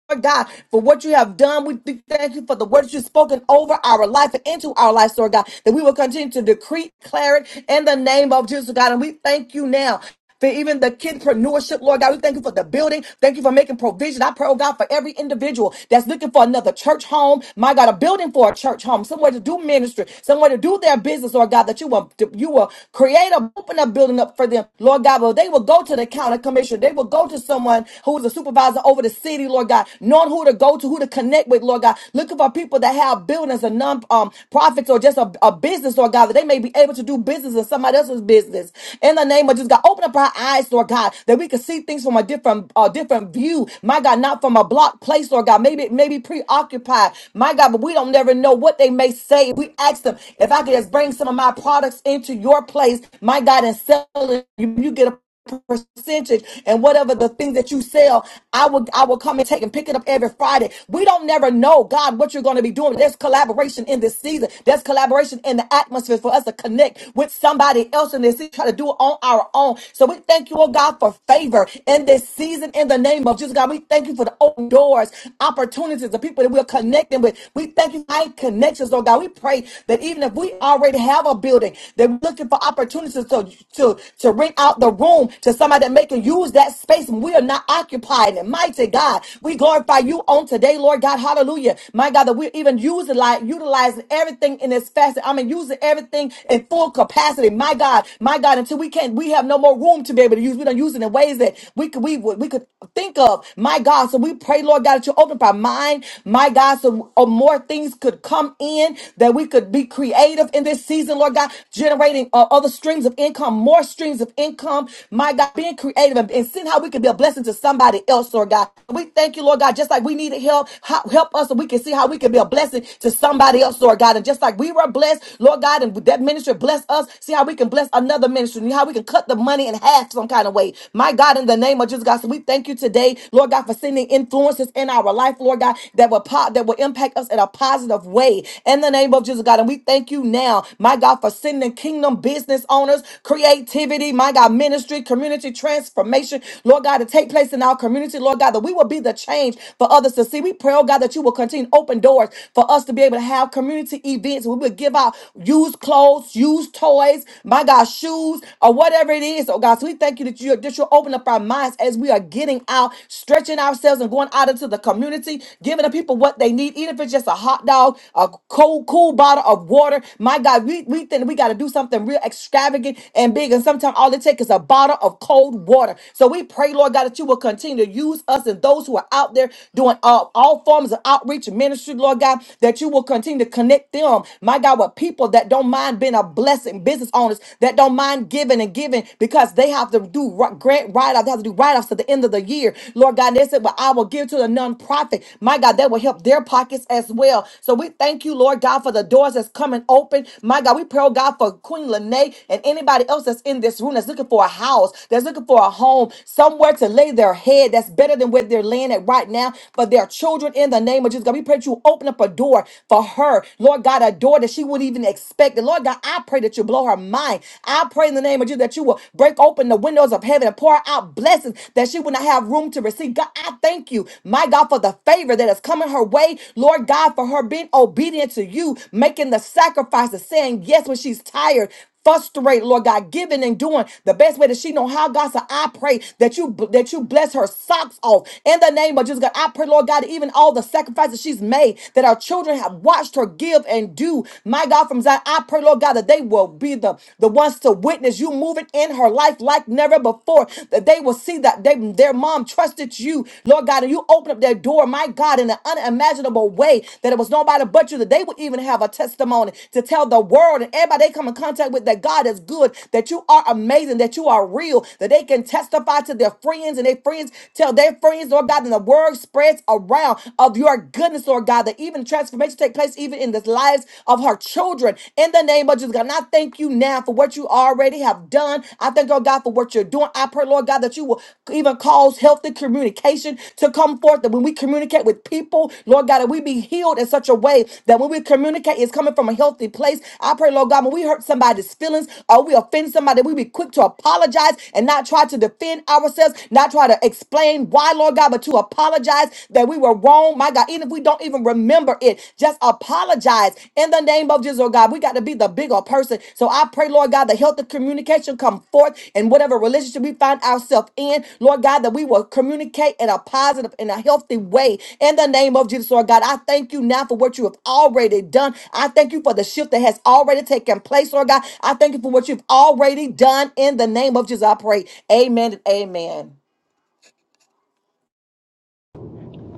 Speaker 4: Lord God, for what you have done. We th- thank you for the words you've spoken over our life and into our lives, Lord God, that we will continue to decree, declare it in the name of Jesus, God. And we thank you now. For even the kidpreneurship, Lord God, we thank you for the building. Thank you for making provision. I pray, oh God, for every individual that's looking for another church home. My God, a building for a church home, somewhere to do ministry, somewhere to do their business, Lord God, that you will you will create a open up building up for them, Lord God. Well, they will go to the county commissioner. They will go to someone who is a supervisor over the city, Lord God. Lord God, knowing who to go to, who to connect with, Lord God, looking for people that have buildings and non um, profits or just a, a business, Lord God, that they may be able to do business in somebody else's business. In the name of Jesus, God, open up our eyes, Lord God, that we can see things from a different uh, different view. My God, not from a blocked place, Lord God. Maybe maybe preoccupied, my God, but we don't never know what they may say. We ask them if I could just bring some of my products into your place, my God, and sell it. You, you get a percentage and whatever the things that you sell i will i will come and take and pick it up every friday we don't never know god what you're going to be doing there's collaboration in this season there's collaboration in the atmosphere for us to connect with somebody else in this season try to do it on our own so we thank you oh god for favor in this season in the name of jesus god we thank you for the open doors opportunities the people that we're connecting with we thank you for high connections oh god we pray that even if we already have a building that we're looking looking for opportunities to, to, to rent out the room to somebody that may can use that space. And we are not occupying it. Mighty God, we glorify you on today, Lord God. Hallelujah. My God, that we're even using, like, utilizing everything in this facet. I mean, using everything in full capacity. My God, my God, until we can't, we have no more room to be able to use. We don't use it in ways that we could, we, would- we could think of. My God, so we pray, Lord God, that you open up our mind. My God, so uh, more things could come in that we could we could be creative in this season, Lord God, generating uh, other streams of income, more streams of income. My God, being creative and, and seeing how we could be a blessing to somebody else, Lord God. We thank you, Lord God, just like we needed help, how, help us so we can see how we can be a blessing to somebody else, Lord God. And just like we were blessed, Lord God, and that ministry blessed us, see how we can bless another ministry, and how we can cut the money in half some kind of way. My God, in the name of Jesus, God, so we thank you today, Lord God, for sending influences in our life, Lord God, that will pop, that that will impact us in a positive way. In the name of Jesus, God. And we thank you now, my God, for sending kingdom business owners, creativity, my God, ministry, community transformation, Lord God, to take place in our community, Lord God, that we will be the change for others to see. We pray, oh God, that you will continue to open doors for us to be able to have community events. We will give out used clothes, used toys, my God, shoes, or whatever it is, oh God. So we thank you that, you, that you'll open up our minds as we are getting out, stretching ourselves ourselves and going out into the community, giving the people what they need, even if it's just a hot dog, a cold, cool bottle of water. My God, we, we think we got to do something real extravagant and big. And sometimes all it takes is a bottle of cold water. So we pray, Lord God, that you will continue to use us and those who are out there doing all, all forms of outreach and ministry, Lord God, that you will continue to connect them, my God, with people that don't mind being a blessing, business owners that don't mind giving and giving because they have to do right debt write-offs. They have to do write-offs to the end of the year. Lord God, and they said, Well, I will give to the nonprofit. My God, that will help their pockets as well. So we thank you, Lord God, for the doors that's coming open. My God, we pray, oh God, for Queen Lene and anybody else that's in this room that's looking for a house, that's looking for a home, somewhere to lay their head that's better than where they're laying at right now. For their children in the name of Jesus. God, we pray that you open up a door for her. Lord God, a door that she wouldn't even expect. And Lord God, I pray that you blow her mind. I pray in the name of Jesus that you will break open the windows of heaven and pour out blessings that she would not have room to receive. God, I thank you, my God, for the favor that is coming her way. Lord God, for her being obedient to you, making the sacrifices, saying yes when she's tired, frustrated. Lord God, giving and doing the best way that she know how. God, so I pray that you that you bless her socks off in the name of Jesus. God, I pray, Lord God, even all the sacrifices she's made that our children have watched her give and do. My God, from comes out, I pray, Lord God, that they will be the, the ones to witness you moving in her life like never before. That they will see that they, their mom trusted you, Lord God, and you open up their door, my God, in an unimaginable way that it was nobody but you, that they would even have a testimony to tell the world and everybody they come in contact with that God is good, that you are amazing, that you are real, that they can testify to their friends and their friends tell their friends, Lord God, and the word spreads around of your goodness, Lord God, that even transformation take place even in the lives of her children. In the name of Jesus, God, and I thank you now for what you already have done. I thank, oh God, for what you're doing. I pray, Lord God, that you will even cause healthy communication to come forth. That when we communicate with people, Lord God, that we be healed in such a way that when we communicate, it's coming from a healthy place. I pray, Lord God, when we hurt somebody's feelings or we offend somebody, we be quick to apologize and not try to defend ourselves, not try to explain why, Lord God, but to apologize realize that we were wrong, my God, even if we don't even remember it, just apologize in the name of Jesus, oh God. We got to be the bigger person. So I pray, Lord God, the health of communication come forth in whatever relationship we find ourselves in, Lord God, that we will communicate in a positive and a healthy way in the name of Jesus, Lord God. I thank you now for what you have already done. I thank you for the shift that has already taken place, Lord God. I thank you for what you've already done in the name of Jesus. I pray. Amen and amen.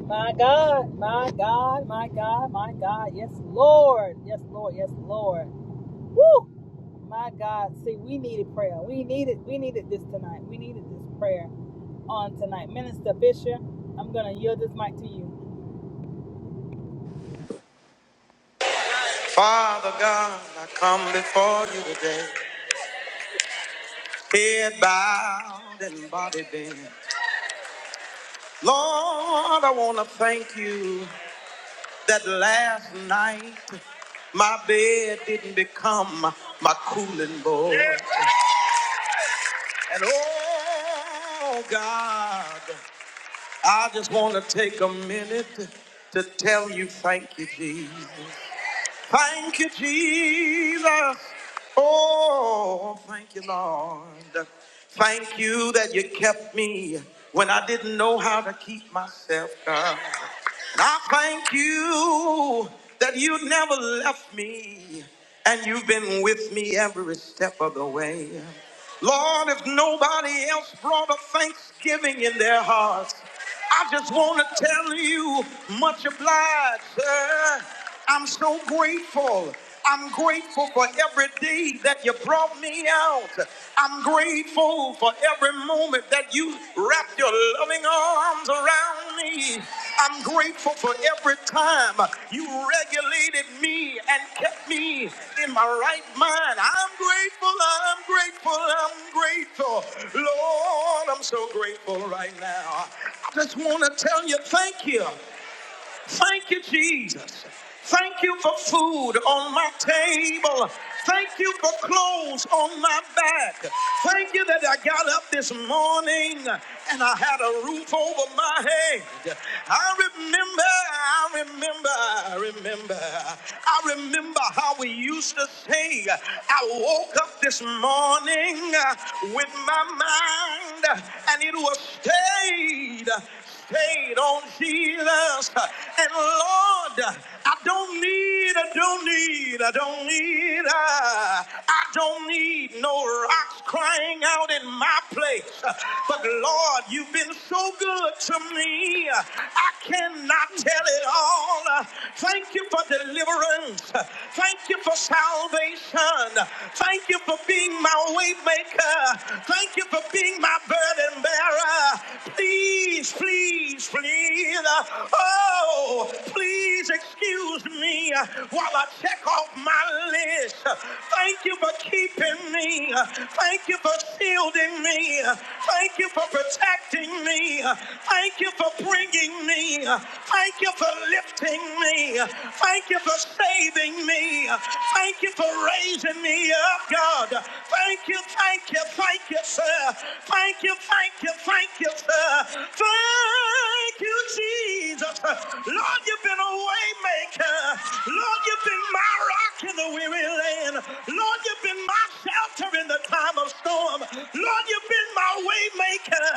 Speaker 1: My God, my God, my God, my God. Yes, Lord. Yes, Lord. Yes, Lord. Woo! My God. See, we needed prayer. We needed we needed this tonight. We needed this prayer on tonight. Minister Bishop, I'm gonna yield this mic to you.
Speaker 5: Father God, I come before you today, head bowed and body bent. Lord, I want to thank you that last night my bed didn't become my cooling board. And oh God, I just want to take a minute to tell you thank you, Jesus. Thank you, Jesus. Oh, thank you, Lord. Thank you that you kept me when I didn't know how to keep myself. God. And I thank you that you never left me and you've been with me every step of the way. Lord, if nobody else brought a thanksgiving in their hearts, I just want to tell you, much obliged, sir. I'm so grateful. I'm grateful for every day that you brought me out. I'm grateful for every moment that you wrapped your loving arms around me. I'm grateful for every time you regulated me and kept me in my right mind. I'm grateful, I'm grateful, I'm grateful. Lord, I'm so grateful right now. I just want to tell you thank you. Thank you, Jesus. Thank you for food on my table. Thank you for clothes on my back. Thank you that I got up this morning and I had a roof over my head. I remember, I remember, I remember, I remember how we used to say, I woke up this morning with my mind and it was stayed stayed on Jesus. And Lord, I don't need, I don't need, I don't need, uh, I don't need no rocks crying out in my place. But Lord, you've been so good to me. I cannot tell it all. Thank you for deliverance. Thank you for salvation. Thank you for being my way maker. Thank you for being my burden bearer. Please Please, please, please. Oh, please excuse me while I check off my list. Thank you for keeping me. Thank you for shielding me. Thank you for protecting me. Thank you for bringing me. Thank you for lifting me. Thank you for saving me. Thank you for raising me up, God. Thank you, thank you, thank you, sir. Thank you, thank you, thank you, sir. Thank you, Jesus. Lord, you've been a way maker. Lord, you've been my rock in the weary land. Lord, you've been my shelter in the time of storm. Lord, you've been my way maker.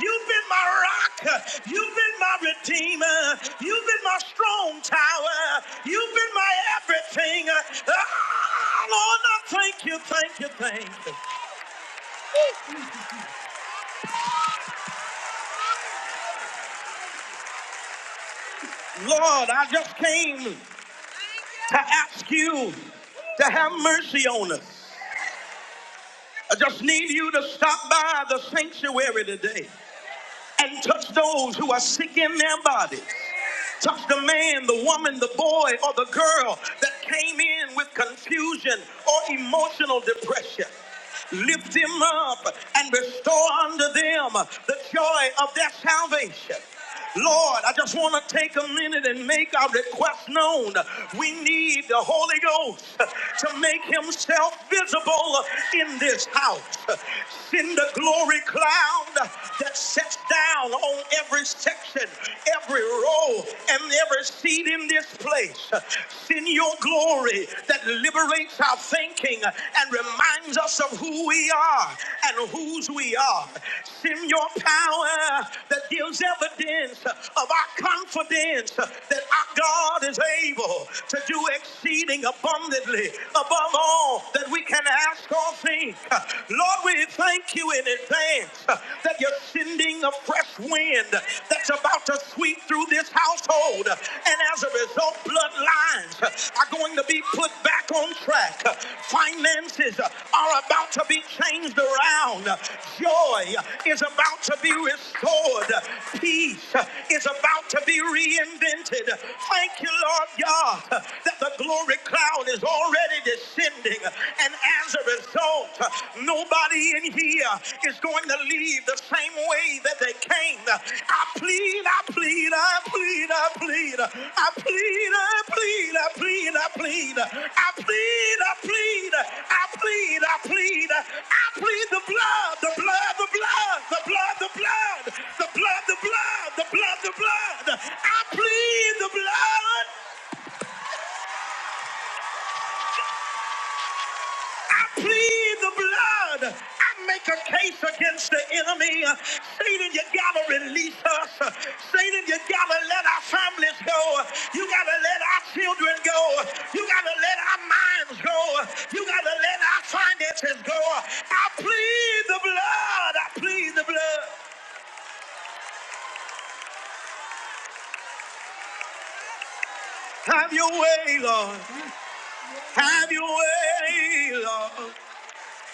Speaker 5: You've been my rock. You've been my redeemer. You've been my strong tower. You've been my everything. Ah, Lord, I thank you, thank you, thank you. Lord, I just came. to ask you to have mercy on us. I just need you to stop by the sanctuary today and touch those who are sick in their bodies. Touch the man, the woman, the boy, or the girl that came in with confusion or emotional depression. Lift them up and restore unto them the joy of their salvation. Lord, I just want to take a minute and make our request known. We need the Holy Ghost to make himself visible in this house. Send the glory cloud that sets down on every section, every row, and every seat in this place. Send your glory that liberates our thinking and reminds us of who we are and whose we are. Send your power that gives evidence of our confidence that our God is able to do exceeding abundantly above all that we can ask or think. Lord, we thank you in advance that you're sending a fresh wind that's about to sweep through this house household. And as a result, bloodlines are going to be put back on track. Finances are about to be changed around. Joy is about to be restored. Peace is about to be reinvented. Thank you, Lord God, that the glory cloud is already descending. And as a result, nobody Nobody in here is going to leave the same way that they came. I plead, I plead, I plead, I plead, I plead, I plead, I plead, I plead, I plead, I plead, I plead, I plead, I plead the blood, the blood, the blood, the blood, the blood, the blood, the blood, the blood, the blood. I plead the blood. I plead the blood. I make a case against the enemy. Satan, you gotta release us. Satan, you gotta let our families go. You gotta let our children go. You gotta let our minds go. You gotta let our finances go. I plead the blood. I plead the blood. Have your way, Lord. Have your way, Lord.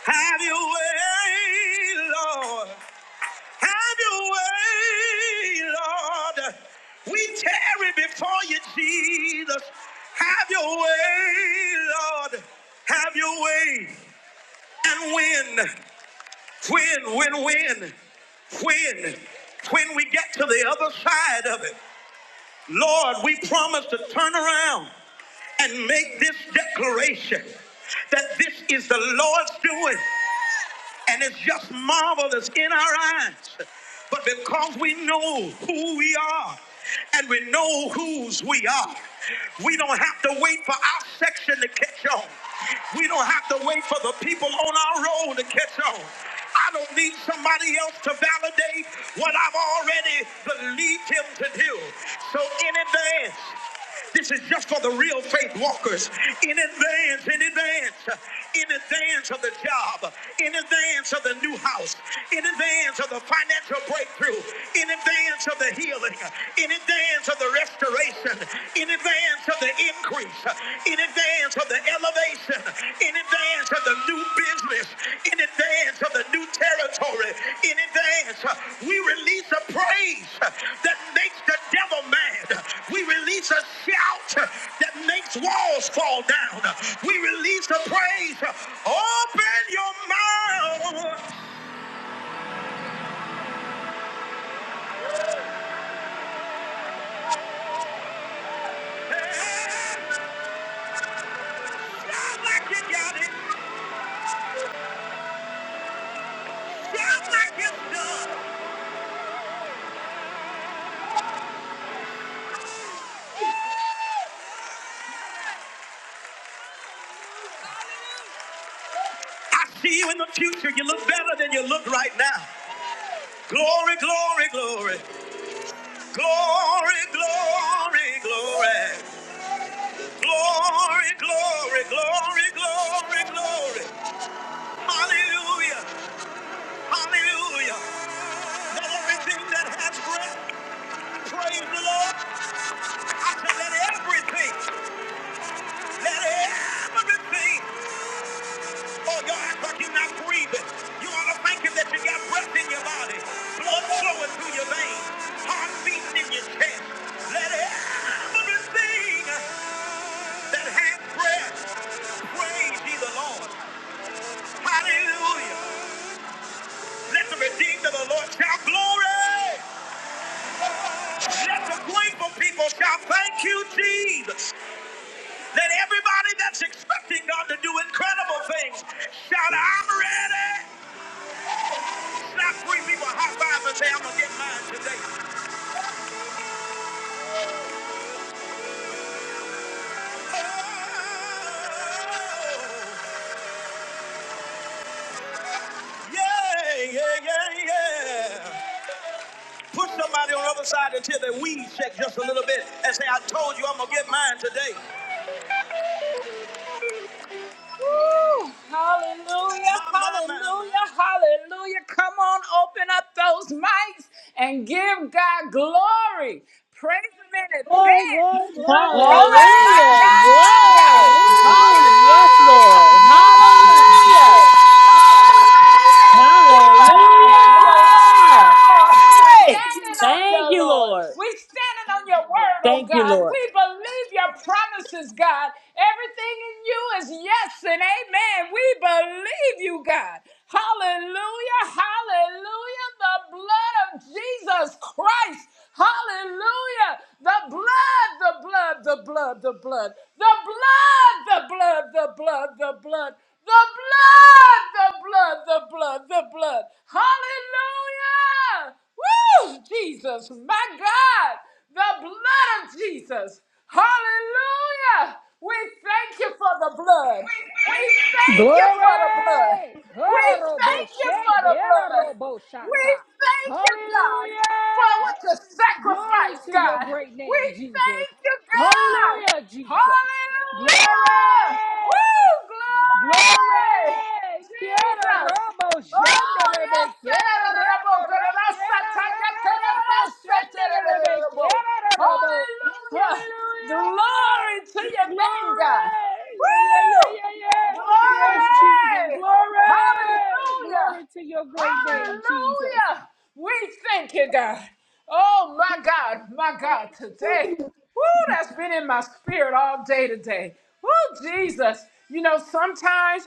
Speaker 5: Have your way, Lord. Have your way, Lord. We tarry before you, Jesus. Have your way, Lord. Have your way. And when, when, when, when, when, when we get to the other side of it. Lord, we promise to turn around and make this declaration that this is the Lord's doing and it's just marvelous in our eyes. But because we know who we are and we know whose we are, we don't have to wait for our section to catch on. We don't have to wait for the people on our road to catch on. I don't need somebody else to validate what I've already believed him to do. So in advance, this is just for the real faith walkers. In advance, in advance, in advance of the job, in advance of the new house, in advance of the financial breakthrough, in advance of the healing, in advance of the restoration, in in advance of the increase, in advance of the elevation, in advance of the new business, in advance of the new territory, in advance, we release a praise that makes the devil mad. We release a shout that makes walls fall down. We release a praise. Open your mouth. Shout like you got it. Shout like you done. I see you in the future. You look better than you look right now. Glory, glory, glory, glory, glory, glory, glory, glory, glory, glory, glory. Hallelujah, hallelujah. Let everything that has breath praise the Lord. I said, let everything, let everything. Oh, your act like you're not breathing. You ought to thank Him that you got breath in your body, blood flowing through your veins, heart beating in your chest. Let everything. that hath breath, praise ye the Lord. Hallelujah. Let the redeemed of the Lord shout glory. Let the grateful people shout thank you, Jesus. Let everybody that's expecting God to do incredible things shout, I'm ready. Slap three people high five and say, I'm going to get mine today. Oh, yeah, yeah, yeah, yeah. Push somebody on the other side until their weed shake just a little bit and say, I told you I'm going to get mine today. Woo! Hallelujah, hallelujah, hallelujah. Come on, open up those mics and give God glory. Praise Him in
Speaker 1: Glory,
Speaker 5: advance.
Speaker 1: glory,
Speaker 5: My
Speaker 4: Glory!
Speaker 1: glory.
Speaker 5: God, my
Speaker 3: Hallelujah.
Speaker 5: God, my God.
Speaker 3: Glory. Yes,
Speaker 5: Hallelujah,
Speaker 3: Lord.
Speaker 1: Hallelujah.
Speaker 5: glory.
Speaker 3: Hallelujah.
Speaker 5: Hallelujah, we believe your lo-
Speaker 3: Hallelujah.
Speaker 5: word, Lord. We standing on
Speaker 3: Thank
Speaker 5: your
Speaker 3: you,
Speaker 5: Lord.
Speaker 3: Lord.
Speaker 5: We standing on your word, oh
Speaker 3: Thank you,
Speaker 5: God.
Speaker 3: Lord.
Speaker 5: We believe your promises, God. Everything in you is yes and amen. We believe you, God. Hallelujah. Hallelujah. The blood of Jesus Christ. Hallelujah. The blood, the blood, the blood, the blood, the blood, the blood, the blood, the blood, the blood, the blood, the blood, the blood. Hallelujah. Woo! Jesus, my God, the blood of Jesus. Hallelujah. We thank you for the blood. We thank you for the blood.
Speaker 6: Glory!
Speaker 5: We
Speaker 6: Kararobo
Speaker 5: thank you
Speaker 6: shake,
Speaker 5: for the blood.
Speaker 6: kararobo
Speaker 5: We
Speaker 6: shata.
Speaker 5: thank you, God, for what
Speaker 6: Hallelujah!
Speaker 5: you
Speaker 6: Glory
Speaker 5: sacrificed,
Speaker 6: to your
Speaker 5: God.
Speaker 6: great
Speaker 5: We
Speaker 6: name, Jesus.
Speaker 5: thank you, God.
Speaker 6: Hallelujah, Jesus. Glory!
Speaker 5: Hallelujah. Woo, glory.
Speaker 6: Glory! Quiero
Speaker 5: Jesus.
Speaker 6: robo,
Speaker 5: Oh, yes.
Speaker 6: shenderebe, quiero robo, re, quiero re, re, robo, shenderebe, quiero re, robo.
Speaker 5: Hallelujah.
Speaker 6: Hallelujah!
Speaker 5: Glory to your name, God.
Speaker 6: Glory! Yeah, yeah, yeah, yeah, yeah.
Speaker 5: Woo!
Speaker 6: Yes, Jesus.
Speaker 5: Glory!
Speaker 6: Glory!
Speaker 5: Hallelujah!
Speaker 6: Glory to your great name, Jesus.
Speaker 5: Hallelujah. We thank you, God. Oh, my God, my God, today. Woo, that's been in my spirit all day today. Woo, Jesus. You know, sometimes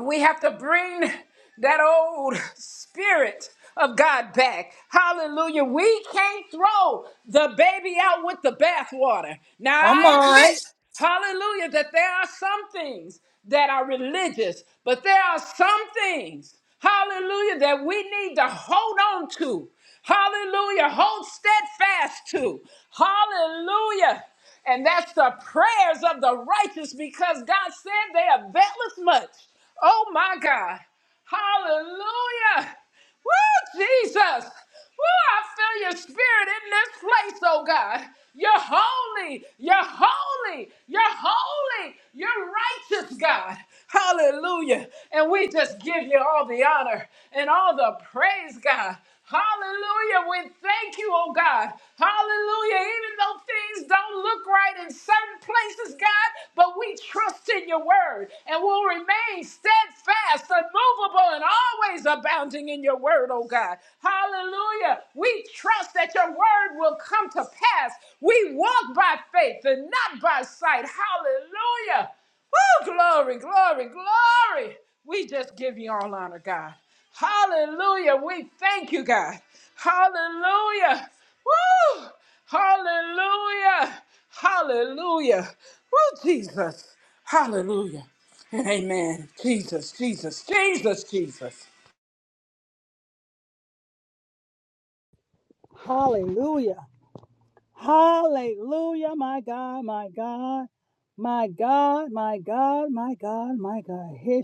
Speaker 5: we have to bring that old spirit of God back. Hallelujah. We can't throw the baby out with the bathwater. Now,
Speaker 4: Come
Speaker 5: I
Speaker 4: on.
Speaker 5: admit, hallelujah, that there are some things that are religious, but there are some things, hallelujah, that we need to hold on to. Hallelujah. Hold steadfast to. Hallelujah. And that's the prayers of the righteous because God said they availeth much. Oh my God. Hallelujah. Woo, Jesus. Woo, I feel your spirit in this place, oh God. You're holy. You're holy. You're holy. You're righteous, God. Hallelujah. And we just give you all the honor and all the praise, God. Hallelujah. We thank you, oh God. Hallelujah. Even though things don't look right in certain places, God, but we trust in your word and will remain steadfast, unmovable, and always abounding in your word, oh God. Hallelujah. We trust that your word will come to pass. We walk by faith and not by sight. Hallelujah. Woo! Glory, glory, glory. We just give you all honor, God. Hallelujah. We thank you, God. Hallelujah. Woo! Hallelujah. Hallelujah. Woo, Jesus. Hallelujah. And amen. Jesus, Jesus, Jesus, Jesus.
Speaker 1: Hallelujah. Hallelujah. My God, my God. My God, my God, my God, my God. Here,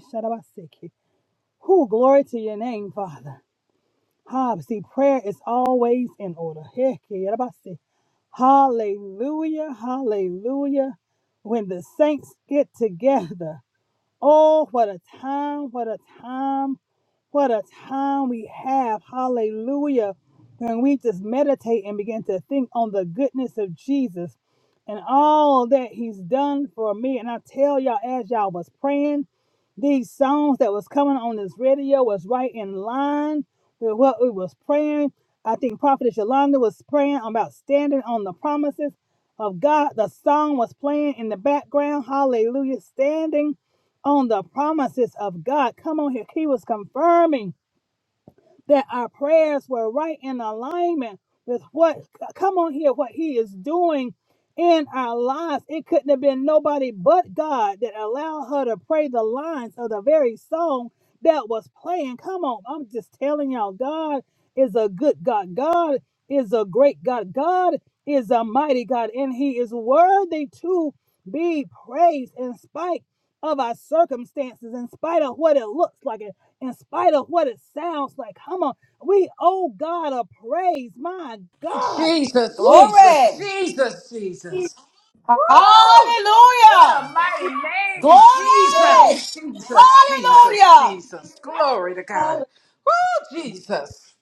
Speaker 1: Who glory to your name, Father. Ah, see, prayer is always in order. Heck, yeah, yeah, that about say, Hallelujah, hallelujah. When the saints get together, oh, what a time, what a time what a time we have. Hallelujah. When we just meditate and begin to think on the goodness of Jesus and all that he's done for me. And I tell y'all, as y'all was praying, these songs that was coming on this radio was right in line with what we was praying. I think Prophetess Yolanda was praying about standing on the promises of God. The song was playing in the background. Hallelujah. Standing on the promises of God. Come on here. He was confirming that our prayers were right in alignment with what, come on here, what He is doing in our lives. It couldn't have been nobody but God that allowed her to pray the lines of the very song that was playing. Come on, I'm just telling y'all, God is a good God. God is a great God. God is a mighty God, and He is worthy to be praised in spite of our circumstances, in spite of what it looks like in spite of what it sounds like. Come on, we owe God a praise. My God,
Speaker 5: Jesus,
Speaker 1: woo!
Speaker 5: Jesus,
Speaker 4: Glory.
Speaker 5: Jesus, Jesus. Woo! What a
Speaker 4: Hallelujah.
Speaker 5: mighty name,
Speaker 1: Oh,
Speaker 4: Glory.
Speaker 5: Jesus, Jesus, Jesus,
Speaker 4: Hallelujah.
Speaker 5: Jesus. Glory to God.
Speaker 1: hallelujah.
Speaker 5: Woo, Jesus.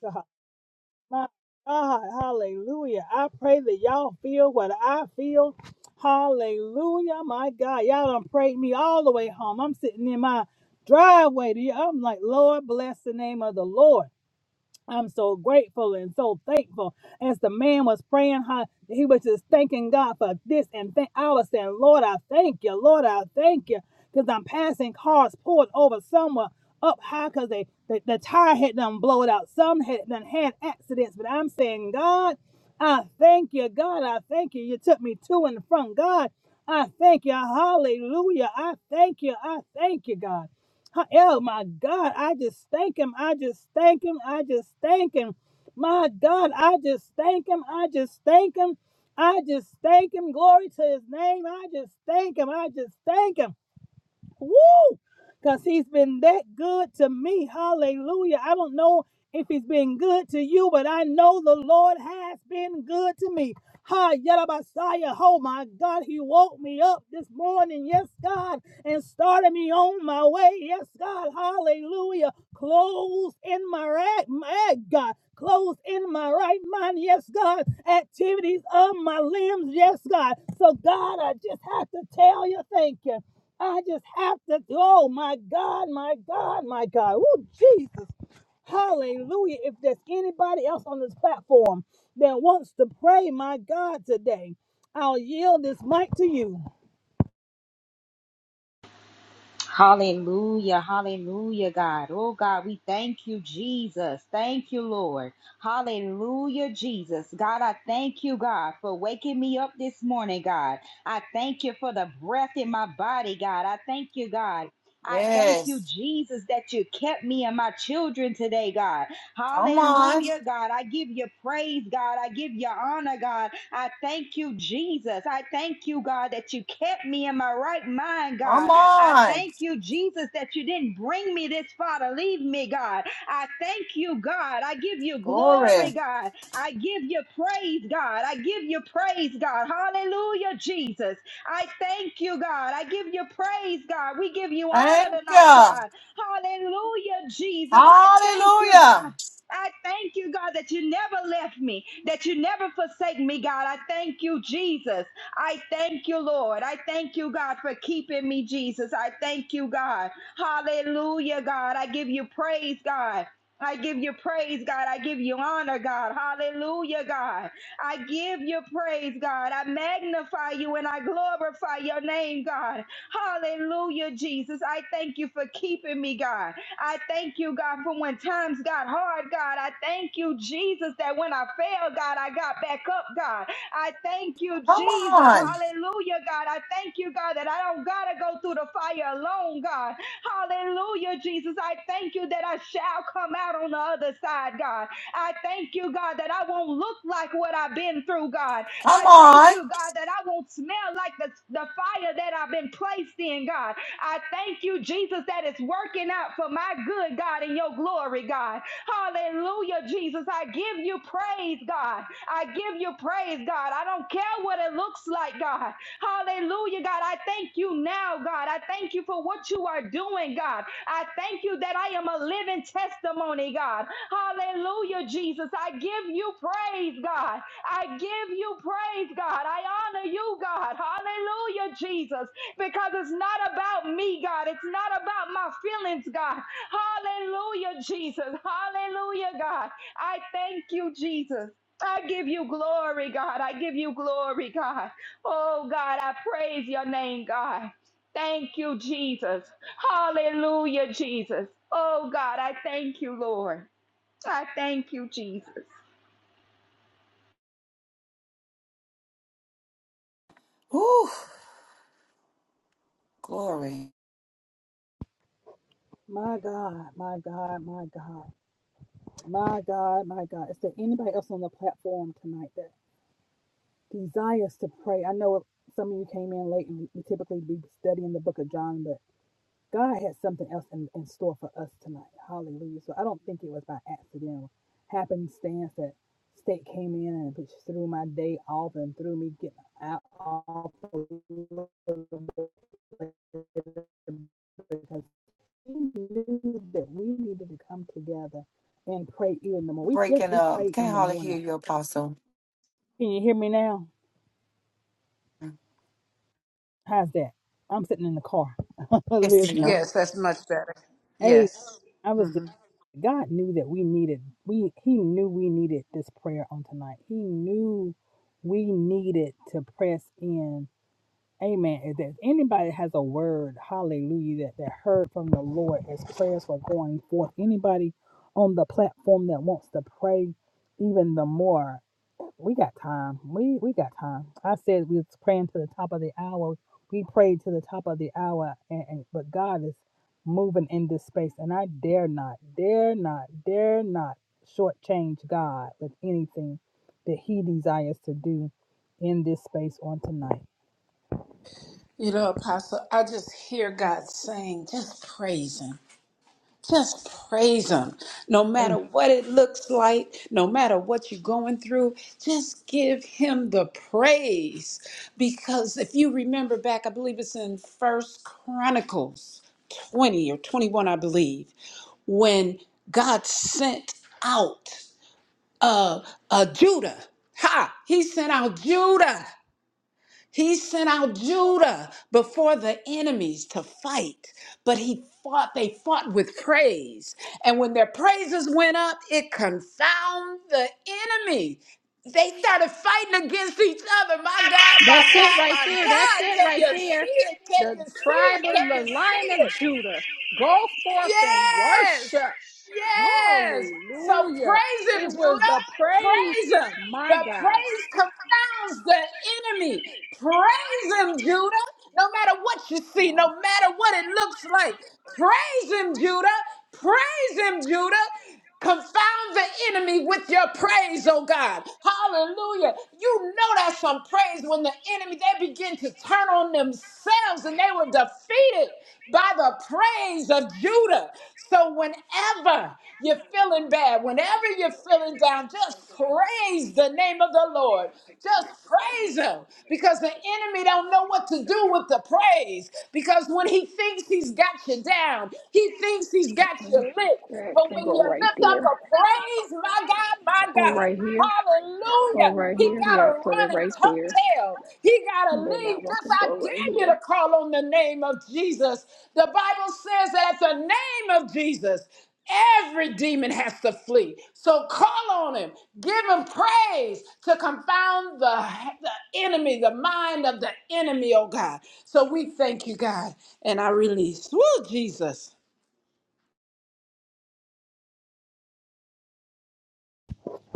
Speaker 1: my God, hallelujah! I pray that y'all feel what I feel. Hallelujah, my God, y'all done prayed me all the way home. I'm sitting in my driveway. To you. I'm like, Lord, bless the name of the Lord. I'm so grateful and so thankful. As the man was praying, how he was just thanking God for this and thank. I was saying, Lord, I thank you. Lord, I thank you. Because I'm passing cars pulled over somewhere up high because they, the, the tire had done blowed out. Some had done had accidents. But I'm saying, God, I thank you. God, I thank you. You took me to and from. God, I thank you. Hallelujah. I thank you. I thank you, God. Huh, Oh my God, I just thank him. I just thank him. I just thank him. My God, I just thank him. I just thank him. I just thank him. Glory to his name. I just thank him. I just thank him. Woo! Because he's been that good to me. Hallelujah. I don't know if he's been good to you, but I know the Lord has been good to me. Hi, Messiah. Oh my God, he woke me up this morning. Yes, God, and started me on my way. Yes, God. Hallelujah. Clothes in my right, my God. Clothes in my right mind. Yes, God. Activities of my limbs. Yes, God. So, God, I just have to tell you, thank you. I just have to, oh my God, my God, my God. Oh, Jesus. Hallelujah. If there's anybody else on this platform that wants to pray, my God, today, I'll yield this mic to you.
Speaker 7: Hallelujah, hallelujah, God. Oh, God, we thank you, Jesus. Thank you, Lord. Hallelujah, Jesus. God, I thank you, God, for waking me up this morning, God. I thank you for the breath in my body, God. I thank you, God. I thank you,
Speaker 4: Yes.
Speaker 7: Jesus, that you kept me and my children today, God.
Speaker 4: Come on.
Speaker 7: Hallelujah, God. I give you praise, God. I give you honor, God. I thank you, Jesus. I thank you, God, that you kept me in my right mind, God.
Speaker 4: Come
Speaker 7: I
Speaker 4: on.
Speaker 7: thank you, Jesus, that you didn't bring me this far to leave me, God. I thank you, God. I give you
Speaker 4: Glory.
Speaker 7: glory, God. I give you praise, God. I give you praise, God. Hallelujah, Jesus. I thank you, God. I give you praise, God. We give you honor
Speaker 4: Thank
Speaker 7: tonight,
Speaker 4: you.
Speaker 7: God. Hallelujah, Jesus. I thank you,
Speaker 4: Hallelujah.
Speaker 7: God. I thank you, God, that you never left me, that you never forsake me, God. I thank you, Jesus. I thank you, Lord. I thank you, God, for keeping me, Jesus. I thank you, God. Hallelujah, God. I give you praise, God. I give you praise, God. I give you honor, God. Hallelujah, God. I give you praise, God. I magnify you and I glorify your name, God. Hallelujah, Jesus. I thank you for keeping me, God. I thank you, God, for when times got hard, God. I thank you, Jesus, that when I failed, God, I got back up, God. I thank you,
Speaker 4: Come
Speaker 7: Jesus.
Speaker 4: on.
Speaker 7: Hallelujah, God. I thank you, God, that I don't got to go through the fire alone, God. Hallelujah, Jesus. I thank you that I shall come out on the other side, God. I thank you, God, that I won't look like what I've been through, God.
Speaker 4: Come
Speaker 7: I thank
Speaker 4: on.
Speaker 7: you, God, that I won't smell like the, the fire that I've been placed in, God. I thank you, Jesus, that it's working out for my good, God, in your glory, God. Hallelujah, Jesus. I give you praise, God. I give you praise, God. I don't care what it looks like, God. Hallelujah, God. I thank you now, God. I thank you for what you are doing, God. I thank you that I am a living testimony, God. Hallelujah, Jesus. I give you praise, God. I give you praise, God. I honor you, God. Hallelujah, Jesus. Because it's not about me, God. It's not about my feelings, God. Hallelujah, Jesus. Hallelujah, God. I thank you, Jesus. I give you glory, God. I give you glory, God. Oh God, I praise your name, God. Thank you, Jesus. Hallelujah, Jesus. Oh God, I thank you, Lord. I thank you, Jesus.
Speaker 4: Whew. Glory.
Speaker 1: My God, my God, my God, my God, my God. Is there anybody else on the platform tonight that desires to pray? I know some of you came in late and we typically be studying the book of John, but. God has something else in, in store for us tonight. Hallelujah. So I don't think it was by accident or happenstance that state came in and which threw my day off and threw me getting out off because he knew that we needed to come together and pray even the more. We yes,
Speaker 4: breaking
Speaker 1: we
Speaker 4: up.
Speaker 1: pray in
Speaker 4: Can't
Speaker 1: the
Speaker 4: hardly
Speaker 1: morning.
Speaker 4: hear you, Apostle.
Speaker 1: Can you hear me now? How's that? I'm sitting in the car.
Speaker 4: Yes,
Speaker 1: Listen, I,
Speaker 4: ma'am.
Speaker 5: Yes, that's much better.
Speaker 1: hey,
Speaker 5: Yes.
Speaker 1: I was God knew that we needed we he knew we needed this prayer on tonight. He knew we needed to press in. Amen. If there's anybody that has a word, hallelujah, that, that heard from the Lord as prayers were going forth, anybody on the platform that wants to pray even the more, we got time. We we got time. I said we was praying to the top of the hour. We prayed to the top of the hour, and, and but God is moving in this space, and I dare not, dare not, dare not shortchange God with anything that He desires to do in this space on tonight.
Speaker 5: You know, Apostle, I just hear God saying, just praise Him. Just praise Him. No matter
Speaker 1: Am-
Speaker 5: what it looks like, no matter what you're going through, just give Him the praise. Because if you remember back, I believe it's in First Chronicles 20 or 21, I believe, when God sent out uh, uh, Judah. Ha! He sent out Judah he sent out Judah before the enemies to fight, but he fought, they fought with praise. And when their praises went up, it confounded the enemy. They started fighting against each other. My God, my
Speaker 6: That's it
Speaker 5: God,
Speaker 6: right
Speaker 5: my
Speaker 6: there. That's
Speaker 5: God.
Speaker 6: it
Speaker 5: Can
Speaker 6: right
Speaker 5: you
Speaker 6: there.
Speaker 5: see it? Can
Speaker 6: The
Speaker 5: you see
Speaker 6: tribe
Speaker 5: it?
Speaker 6: of
Speaker 5: Can you
Speaker 6: the
Speaker 5: see
Speaker 6: line of
Speaker 5: it?
Speaker 6: Judah. Go forth and
Speaker 5: Yes.
Speaker 6: worship.
Speaker 5: Yes. So
Speaker 6: Hallelujah.
Speaker 5: praise him,
Speaker 6: It was
Speaker 5: Judah.
Speaker 6: the praise,
Speaker 5: Praise him.
Speaker 6: my
Speaker 5: The
Speaker 6: God.
Speaker 5: praise confounds the enemy. Praise him, Judah. No matter what you see, no
Speaker 6: No,
Speaker 5: matter what it looks like, praise him, Judah. Praise him, Judah. Confound the enemy with your praise, oh God. Hallelujah. You know that's some praise when the enemy, they begin to turn on themselves and they were defeated by the praise of Judah. So whenever you're feeling bad, whenever you're feeling down, just praise the name of the Lord. Just praise him because the enemy don't know what to do with the praise because when he thinks he's got you down, he thinks he's got you lick.
Speaker 6: that
Speaker 5: But
Speaker 6: can
Speaker 5: when you
Speaker 6: go
Speaker 5: lift
Speaker 6: right
Speaker 5: up
Speaker 6: there.
Speaker 5: a praise, my God, my
Speaker 6: Or
Speaker 5: God,
Speaker 6: right here. Or
Speaker 5: hallelujah,
Speaker 6: right
Speaker 5: he
Speaker 6: here.
Speaker 5: got
Speaker 6: Yeah,
Speaker 5: to
Speaker 6: put it
Speaker 5: run and
Speaker 6: right
Speaker 5: tuck
Speaker 6: there.
Speaker 5: tail. He got to
Speaker 6: And then
Speaker 5: leave.
Speaker 6: that one
Speaker 5: Just
Speaker 6: can
Speaker 5: I
Speaker 6: go
Speaker 5: dare
Speaker 6: right
Speaker 5: you to
Speaker 6: here.
Speaker 5: call on the name of Jesus. The Bible says that at the name of Jesus, Every demon has to flee. So call on him. Give him praise to confound the, the enemy, the mind of the enemy, oh God. So we thank you, God. And I release. Woo, Jesus.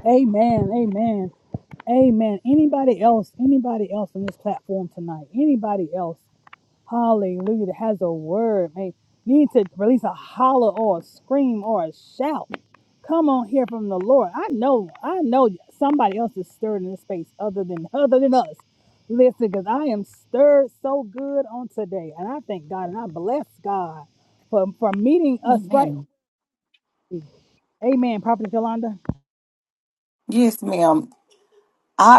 Speaker 1: Amen. Amen. Amen. Anybody else? Anybody else on this platform tonight? Anybody else? Hallelujah. That has a word, may need to release a holler or a scream or a shout. Come on here from the Lord. I know, I know somebody else is stirred in this space other than other than us. Listen, because I am stirred so good on today. And I thank God and I bless God for, for meeting us right.
Speaker 4: Amen.
Speaker 1: Amen. Prophet Yolanda.
Speaker 4: Yes, ma'am. I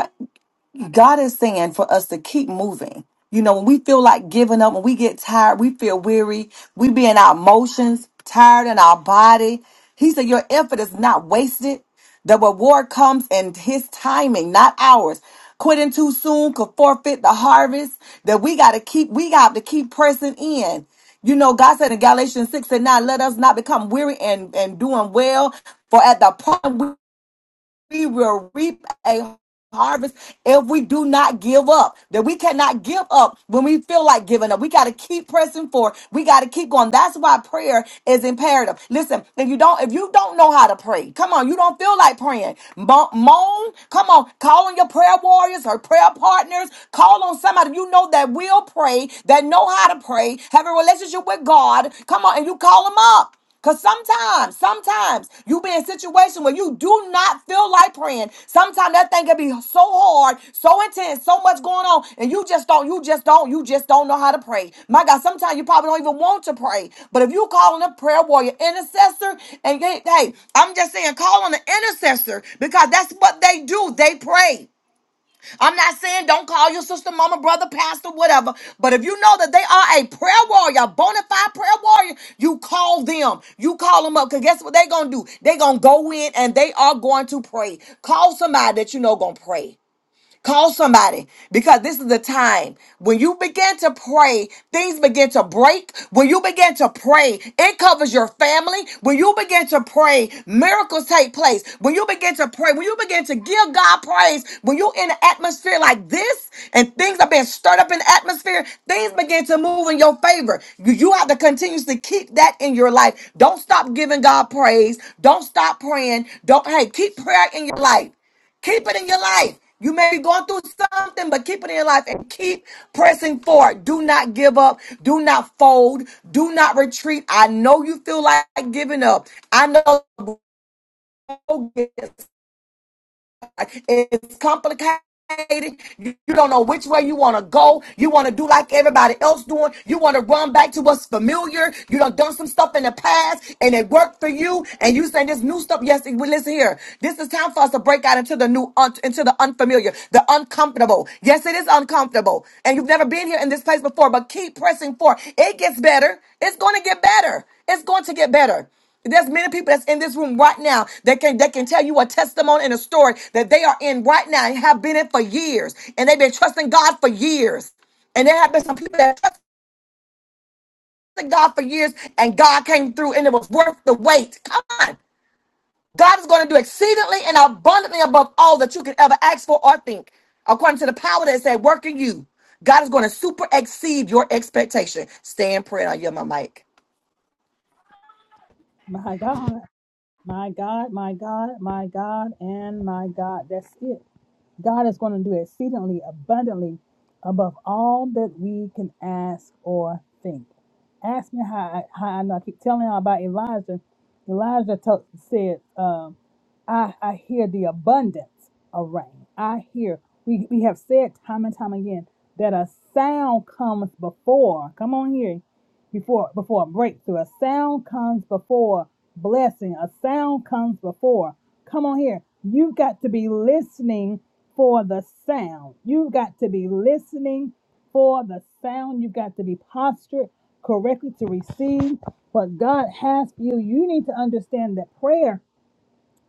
Speaker 4: God is saying for us to keep moving. You know, when we feel like giving up, when we get tired, we feel weary, we be in our emotions, tired in our body. He said, Your effort is not wasted. The reward comes in his timing, not ours. Quitting too soon could forfeit the harvest that we gotta keep, we got to keep pressing in. You know, God said in Galatians 6 and 9, let us not become weary and, and doing well, for at the point we will reap a harvest if we do not give up. That we cannot give up when we feel like giving up. We got to keep pressing forward. We got to keep going. That's why prayer is imperative. Listen, if you don't, if you don't know how to pray, come on, you don't feel like praying. Mo- Moan, come on, call on your prayer warriors or prayer partners. Call on somebody you know that will pray, that know how to pray, have a relationship with God. Come on, and you call them up. Cause sometimes, sometimes you be in a situation where you do not feel like praying. Sometimes that thing can be so hard, so intense, so much going on, and you just don't, you just don't, you just don't know how to pray. My God, sometimes you probably don't even want to pray. But if you call on a prayer warrior intercessor, and hey, hey, I'm just saying, call on an intercessor because that's what they do. They pray. I'm not saying don't call your sister, mama, brother, pastor, whatever. But if you know that they are a prayer warrior, a bona fide prayer warrior, you call them. You call them up. Because guess what they're going to do? They're going to go in and they are going to pray. Call somebody that you know going to pray. Call somebody because this is the time when you begin to pray, things begin to break. When you begin to pray, it covers your family. When you begin to pray, miracles take place. When you begin to pray, when you begin to give God praise, when you're in an atmosphere like this and things are being stirred up in the atmosphere, things begin to move in your favor. You, you have to continuously keep that in your life. Don't stop giving God praise. Don't stop praying. Don't, hey, keep prayer in your life. Keep it in your life. You may be going through something, but keep it in your life and keep pressing forward. Do not give up. Do not fold. Do not retreat. I know you feel like giving up. I know it's complicated. You don't know which way you want to go. You want to do like everybody else doing. You want to run back to what's familiar. You done done some stuff in the past and it worked for you. And you saying this new stuff. Yes, well, listen here. This is time for us to break out into the new, un- into the unfamiliar, the uncomfortable. Yes, it is uncomfortable. And you've never been here in this place before, but keep pressing forward. It gets better. It's going to get better. It's going to get better. There's many people that's in this room right now that can that can tell you a testimony and a story that they are in right now and have been in for years, and they've been trusting God for years. And there have been some people that trusted God for years, and God came through, and it was worth the wait. Come on, God is going to do exceedingly and abundantly above all that you could ever ask for or think, according to the power that's at work in you. God is going to super exceed your expectation. Stay in prayer. I yield my mic.
Speaker 1: My God, my God, my God, my God, and my God. That's it. God is going to do exceedingly abundantly above all that we can ask or think. Ask me how I, how I know. I keep telling you about Elijah. Elijah to- said, um, I, I hear the abundance of rain. I hear, we, we have said time and time again that a sound comes before, come on here, before, before a breakthrough. A sound comes before blessing. A sound comes before. Come on here. You've got to be listening for the sound. You've got to be listening for the sound. You've got to be postured correctly to receive what God has for you. You need to understand that prayer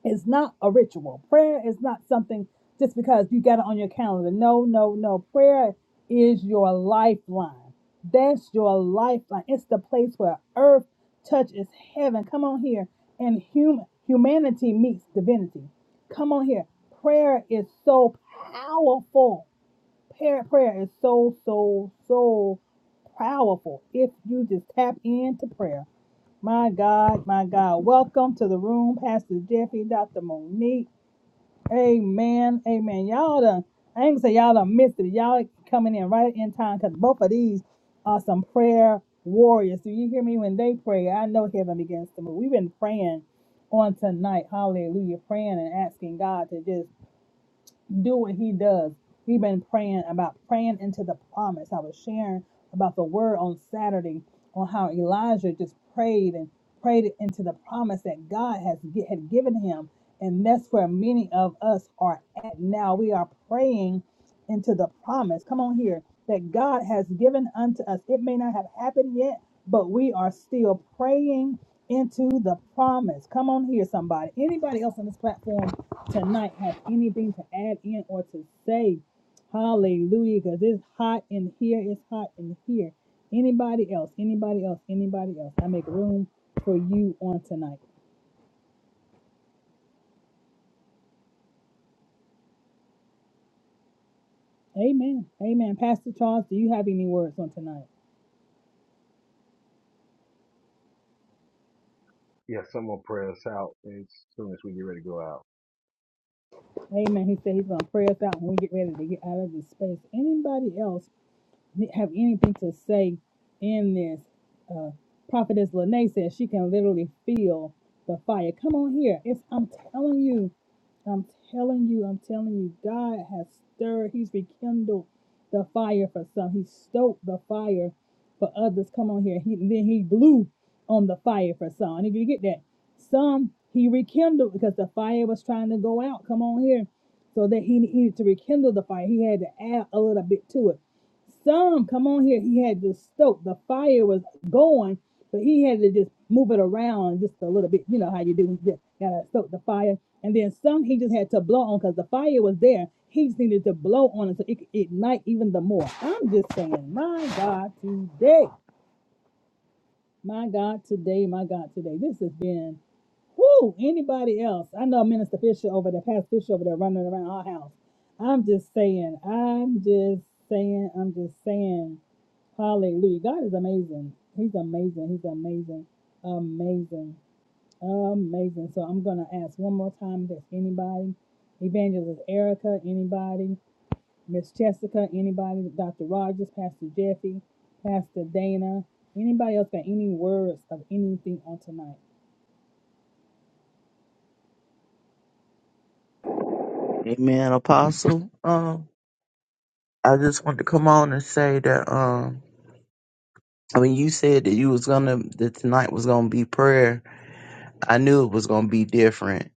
Speaker 1: it's not a ritual. Prayer is not something just because you got it on your calendar. No, no, no. Prayer is your lifeline. That's your lifeline. It's the place where earth touches heaven. Come on here. And human humanity meets divinity. Come on here. Prayer is so powerful. Prayer, prayer is so, so, so powerful if you just tap into prayer. My God, my God. Welcome to the room, Pastor Jeffy, Dr. Monique. Amen. Amen. Y'all done, I ain't gonna say y'all done missed it. Y'all coming in right in time because both of these are some prayer warriors. Do you hear me? When they pray, I know heaven begins to move. We've been praying on tonight. Hallelujah. Praying and asking God to just do what he does. We've been praying about praying into the promise. I was sharing about the word on Saturday on how Elijah just prayed and prayed into the promise that God has gi- had given him, and that's where many of us are at now. We are praying into the promise. Come on here, that God has given unto us. It may not have happened yet, but we are still praying into the promise. Come on here, somebody. Anybody else on this platform? tonight have anything to add in or to say. Hallelujah, because it's hot in here. It's hot in here. Anybody else? Anybody else? Anybody else? I make room for you on tonight. Amen. Amen. Pastor Charles, do you have any words on tonight?
Speaker 8: Yeah, someone pray us out as soon as we get ready to go out.
Speaker 1: Amen. He said he's going to pray us out when we get ready to get out of this space. Anybody else? have anything to say in this. Uh, Prophetess Lene says she can literally feel the fire. Come on here. It's I'm telling you, I'm telling you, I'm telling you, God has stirred, He's rekindled the fire for some. He stoked the fire for others. Come on here. He then he blew on the fire for some. And if you get that, some he rekindled because the fire was trying to go out. Come on here. So that he needed to rekindle the fire. He had to add a little bit to it. Some, come on here, he had to stoke. The fire was going, but he had to just move it around just a little bit. You know how you do, you just gotta stoke the fire. And then some he just had to blow on because the fire was there. He just needed to blow on it so it could ignite even the more. I'm just saying, my God, today, my God, today, my God, today. This has been. Whoo, anybody else? I know Minister Fisher over there, Pastor Fisher over there running around our house. I'm just saying, I'm just saying, I'm just saying, hallelujah. God is amazing. He's amazing. He's amazing. Amazing. Amazing. So I'm going to ask one more time if there's anybody, Evangelist Erica, anybody, Miss Jessica, anybody, Dr. Rogers, Pastor Jeffy, Pastor Dana, anybody else got any words of anything on tonight?
Speaker 9: Amen, Apostle. Um, I just wanted to come on and say that. Um, I mean, you said that you was gonna that tonight was gonna be prayer. I knew it was gonna be different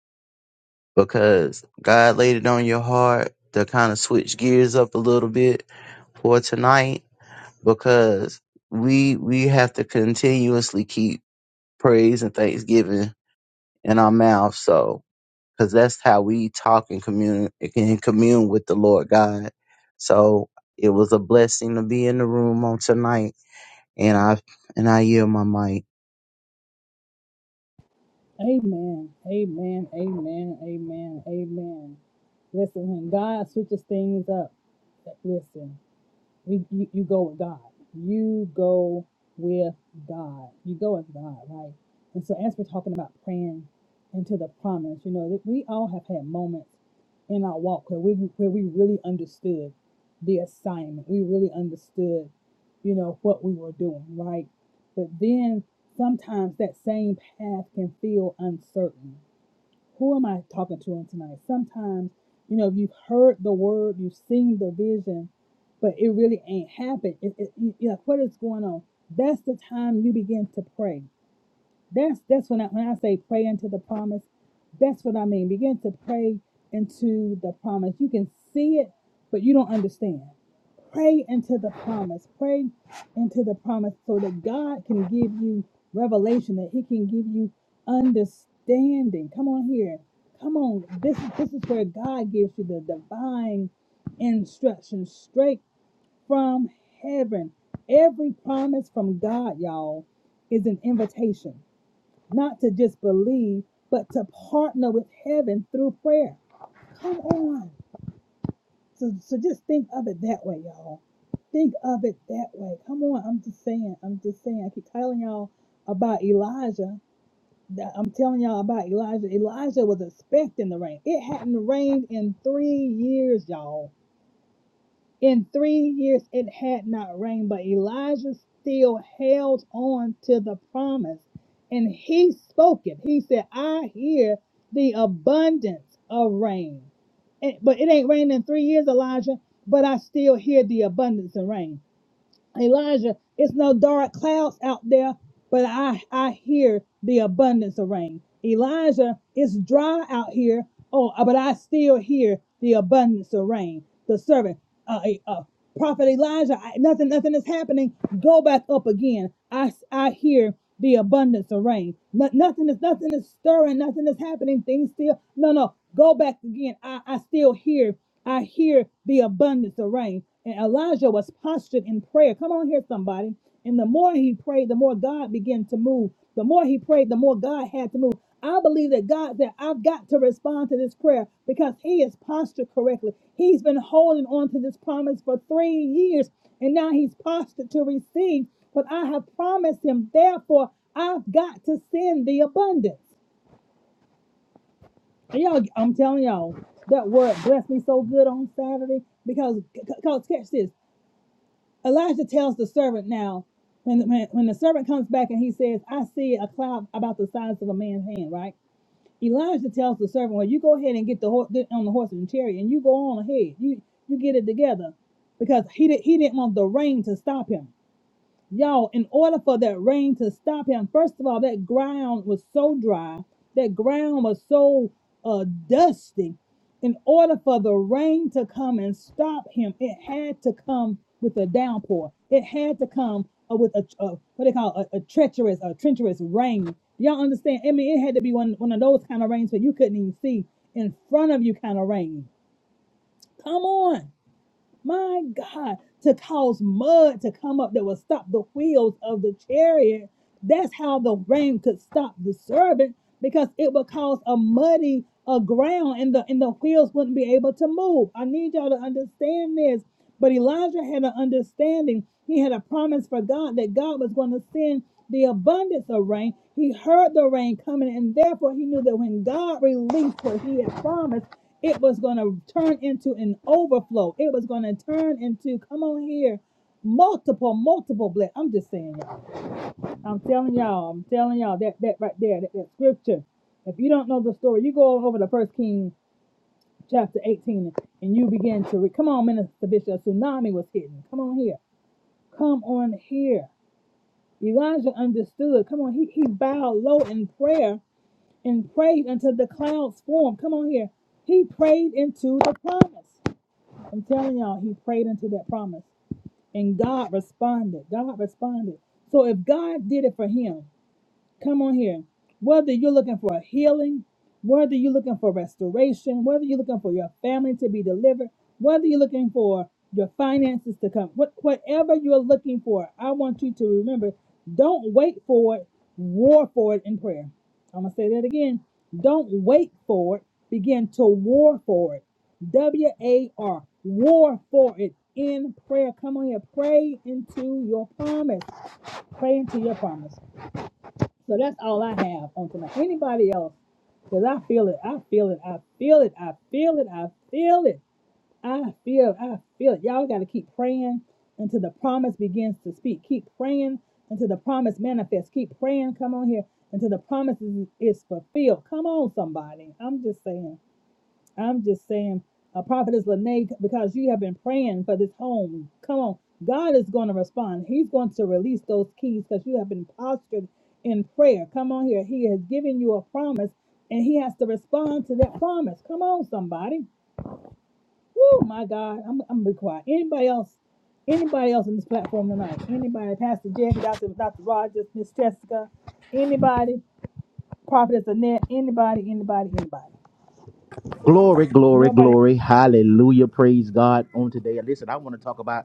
Speaker 9: because God laid it on your heart to kind of switch gears up a little bit for tonight because we we have to continuously keep praise and thanksgiving in our mouth. So, because that's how we talk and commune and commune with the Lord God. So it was a blessing to be in the room on tonight, and I and I yield my mic.
Speaker 1: Amen. Amen. Amen. Amen. Amen. Listen, when God switches things up, listen. We, you, you go with God. You go with God. You go with God, right? And so, as we're talking about praying into the promise, you know, that we all have had moments in our walk where we where we really understood the assignment. We really understood, you know, what we were doing, right? But then sometimes that same path can feel uncertain who am I talking to on tonight? Sometimes, you know, if you've heard the word, you've seen the vision, but it really ain't happened. It, it, you know, what is going on? That's the time you begin to pray. That's that's when I when I say pray into the promise, that's what I mean. Begin to pray into the promise. You can see it, but you don't understand. Pray into the promise. Pray into the promise so that God can give you revelation, that He can give you understanding. Come on here. Come on. This is this is where God gives you the divine instruction straight from heaven. Every promise from God, y'all, is an invitation. Not to just believe, but to partner with heaven through prayer. Come on. So, so just think of it that way, y'all. Think of it that way. Come on, I'm just saying. I'm just saying. I keep telling y'all about Elijah. that- I'm telling y'all about Elijah. Elijah was expecting the rain. It hadn't rained in three years, y'all. In three years it had not rained, but Elijah still held on to the promise. And he spoke it. He said, I hear the abundance of rain. And- but it ain't rained in three years, Elijah, but I still hear the abundance of rain. Elijah, it's no dark clouds out there, but I, I hear the abundance of rain. Elijah, it's dry out here, oh, uh, but I still hear the abundance of rain. The servant, uh, uh, prophet Elijah, I, nothing, nothing is happening. Go back up again. I, I hear the abundance of rain. No- nothing is nothing is stirring, nothing is happening. Things still no no. Go back again. I, I still hear, I hear the abundance of rain. And Elijah was postured in prayer. Come on here, somebody. And the more he prayed, the more God began to move. The more he prayed, the more God had to move. I believe that God said, I've got to respond to this prayer because he is postured correctly. He's been holding on to this promise for three years, and now he's postured to receive. But I have promised him, therefore, I've got to send the abundance. And y'all, I'm telling y'all, that word blessed me so good on Saturday because, because catch this. Elijah tells the servant now, when, when, when the servant comes back and he says, I see a cloud about the size of a man's hand, right? Elijah tells the servant, Well, you go ahead and get the horse get on the horse and chariot and you go on ahead. You you get it together. Because he did, he didn't want the rain to stop him. Y'all, in order for that rain to stop him, first of all, that ground was so dry, that ground was so uh, dusty. In order for the rain to come and stop him, it had to come with a downpour. It had to come uh, with a, uh, what they call a, a treacherous, a treacherous rain. Y'all understand? I mean, it had to be one one of those kind of rains where you couldn't even see in front of you kind of rain. Come on. My God, to cause mud to come up that would stop the wheels of the chariot. That's how the rain could stop the serpent, because it would cause a muddy a ground and the and the wheels wouldn't be able to move. I need y'all to understand this. But Elijah had an understanding. He had a promise for God that God was going to send the abundance of rain. He heard the rain coming, and therefore he knew that when God released what he had promised, it was going to turn into an overflow. It was going to turn into, come on here, multiple, multiple blessings. I'm just saying, y'all. I'm telling y'all. I'm telling y'all that that right there, that, that scripture. If you don't know the story, you go over to First King chapter 18 and you begin to read. Come on, Minister Bishop, a tsunami was hitting. Come on here. Come on here. Elijah understood. Come on, he, he bowed low in prayer and prayed until the clouds formed. Come on here. He prayed into the promise. I'm telling y'all, he prayed into that promise. And God responded. God responded. So if God did it for him, Come on here. Whether you're looking for a healing, whether you're looking for restoration, whether you're looking for your family to be delivered, whether you're looking for your finances to come, what, whatever you're looking for, I want you to remember don't wait for it, war for it in prayer. I'm going to say that again. Don't wait for it, begin to war for it. W A R, war for it in prayer. Come on here, pray into your promise. Pray into your promise. So that's all I have on tonight. Anybody else? Because I feel it. I feel it. I feel it. I feel it. I feel it. I feel I feel it. Y'all got to keep praying until the promise begins to speak. Keep praying until the promise manifests. Keep praying. Come on here until the promise is, is fulfilled. Come on, somebody. I'm just saying. I'm just saying, uh, Prophetess Lene, because you have been praying for this home. Come on. God is going to respond. He's going to release those keys because you have been postured in prayer. Come on here. He has given you a promise and he has to respond to that promise. Come on, somebody. Oh, my God. I'm, I'm going to be quiet. Anybody else? Anybody else on this platform tonight? Anybody? Pastor Jackie, Dr. Dr. Rogers, Miss Jessica, anybody? Prophetess Annette, anybody, anybody, anybody.
Speaker 10: Glory,
Speaker 1: If
Speaker 10: glory,
Speaker 1: nobody,
Speaker 10: glory. Hallelujah. Praise God on today. Listen, I want to talk about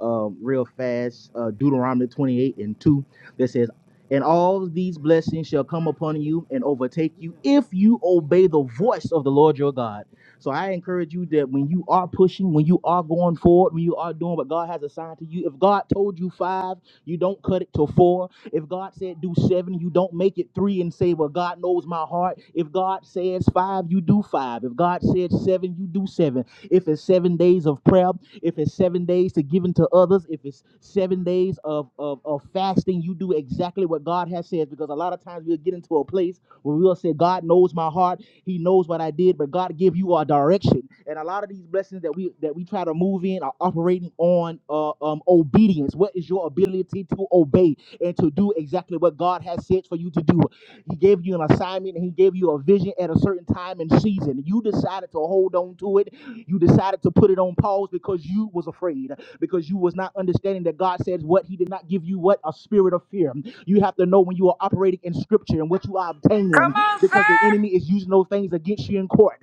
Speaker 10: um, real fast uh, Deuteronomy 28 and 2 that says, And all these blessings shall come upon you and overtake you if you obey the voice of the Lord your God. So I encourage you that when you are pushing, when you are going forward, when you are doing what God has assigned to you, if God told you five, you don't cut it to four. If God said do seven, you don't make it three and say, Well, God knows my heart. If God says five, you do five. If God said seven, you do seven. If it's seven days of prayer, if it's seven days to giving to others, if it's seven days of, of, of fasting, you do exactly what God has said. Because a lot of times we'll get into a place where we'll say, God knows my heart. He he knows what I did, but God give you a direction. And a lot of these blessings that we that we try to move in are operating on uh, um, obedience. What is your ability to obey and to do exactly what God has said for you to do? He gave you an assignment and He gave you a vision at a certain time and season. You decided to hold on to it. You decided to put it on pause because you was afraid, because you was not understanding that God says what He did not give you what a spirit of fear. You have to know when you are operating in Scripture and what you are
Speaker 5: Come
Speaker 10: obtaining
Speaker 5: on,
Speaker 10: because the
Speaker 5: sir.
Speaker 10: enemy is using those things against you in court.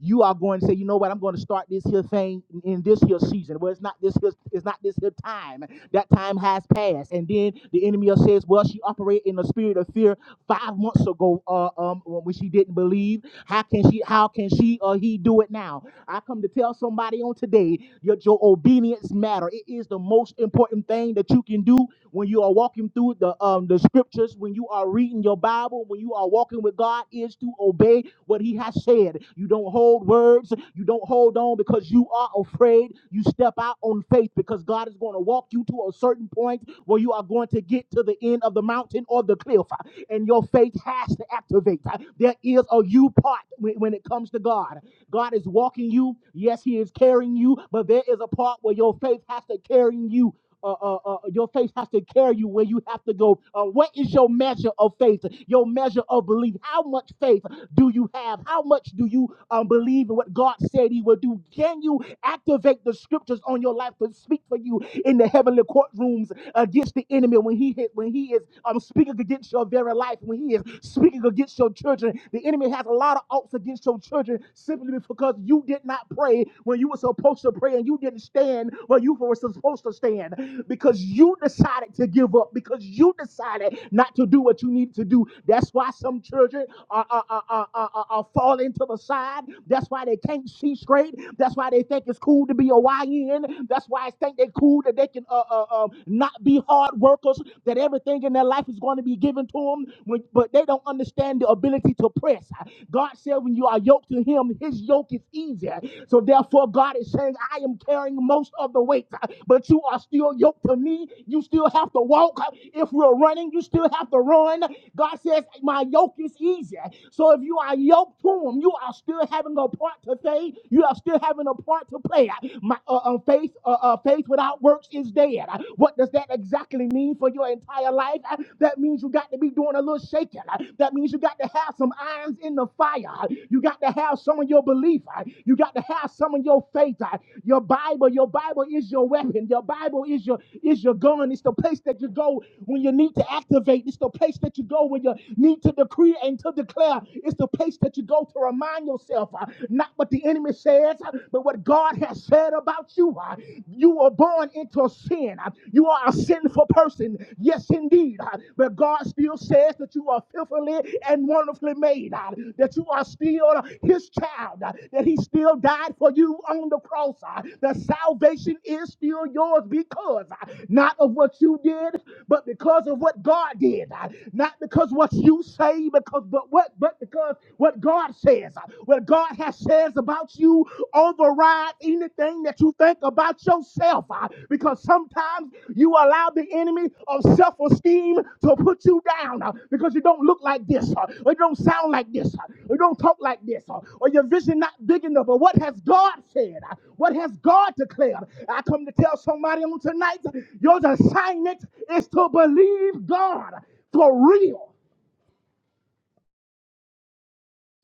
Speaker 10: You are going to say, you know what, I'm going to start this here thing in this here season. Well, it's not this here, it's not this here time. That time has passed. And then the enemy will says, well, she operated in the spirit of fear five months ago uh, um, when she didn't believe. How can she? How can she or he do it now? I come to tell somebody on today, your, your obedience matter. It is the most important thing that you can do when you are walking through the um the scriptures, when you are reading your Bible, when you are walking with God, is to obey what He has said. You don't hold words, you don't hold on because you are afraid. You step out on faith because God is going to walk you to a certain point where you are going to get to the end of the mountain or the cliff, and your faith has to activate. There is a you part when it comes to God. God is walking you. Yes, He is carrying you, but there is a part where your faith has to carry you uh, uh, uh, your faith has to carry you where you have to go. Uh, what is your measure of faith? Your measure of belief? How much faith do you have? How much do you um, believe in what God said He will do? Can you activate the scriptures on your life to speak for you in the heavenly courtrooms against the enemy when he hit, when he is um, speaking against your very life, when he is speaking against your children. The enemy has a lot of outs against your children simply because you did not pray when you were supposed to pray and you didn't stand where you were supposed to stand because you decided to give up, because you decided not to do what you needed to do. That's why some children are, are, are, are, are, are are falling to the side. That's why they can't see straight. That's why they think it's cool to be a YN. That's why guys think they are cool that they can uh, uh, uh, not be hard workers, that everything in their life is going to be given to them, when, but they don't understand the ability to press. God said, when you are yoked to Him, His yoke is easier. So therefore, God is saying, I am carrying most of the weight, but you are still yoked to me. You still have to walk. If we're running, you still have to run. God says, My yoke is easier. So if you are yoked to Him, you are still having a part to play. You are still having a part part to play. My uh, uh, faith, uh, uh, faith without works is dead. What does that exactly mean for your entire life? Uh, That means you got to be doing a little shaking. Uh, That means you got to have some irons in the fire. Uh, You got to have some of your belief. Uh, You got to have some of your faith. Uh, Your Bible, your Bible is your weapon. Your Bible is your is your gun. It's the place that you go when you need to activate. It's the place that you go when you need to decree and to declare. It's the place that you go to remind yourself uh, not what the enemy says, uh, but what God has said about you. uh, You were born into sin. uh, You are a sinful person. Yes, indeed. uh, But God still says that you are fearfully and wonderfully made, uh, that you are still his child, uh, that he still died for you on the cross, uh, that salvation is still yours because uh, not of what you did, but because of what God did. uh, Not because what you say, because but what but because because what God says, what God has says about you, override anything that you think about yourself. uh, Because sometimes you allow the enemy of self-esteem to put you down uh, because you don't look like this, uh, or you don't sound like this, uh, or you don't talk like this, uh, or your vision not big enough. But what has God said? Uh, What has God declared? I come to tell somebody on tonight, your assignment is to believe God for real.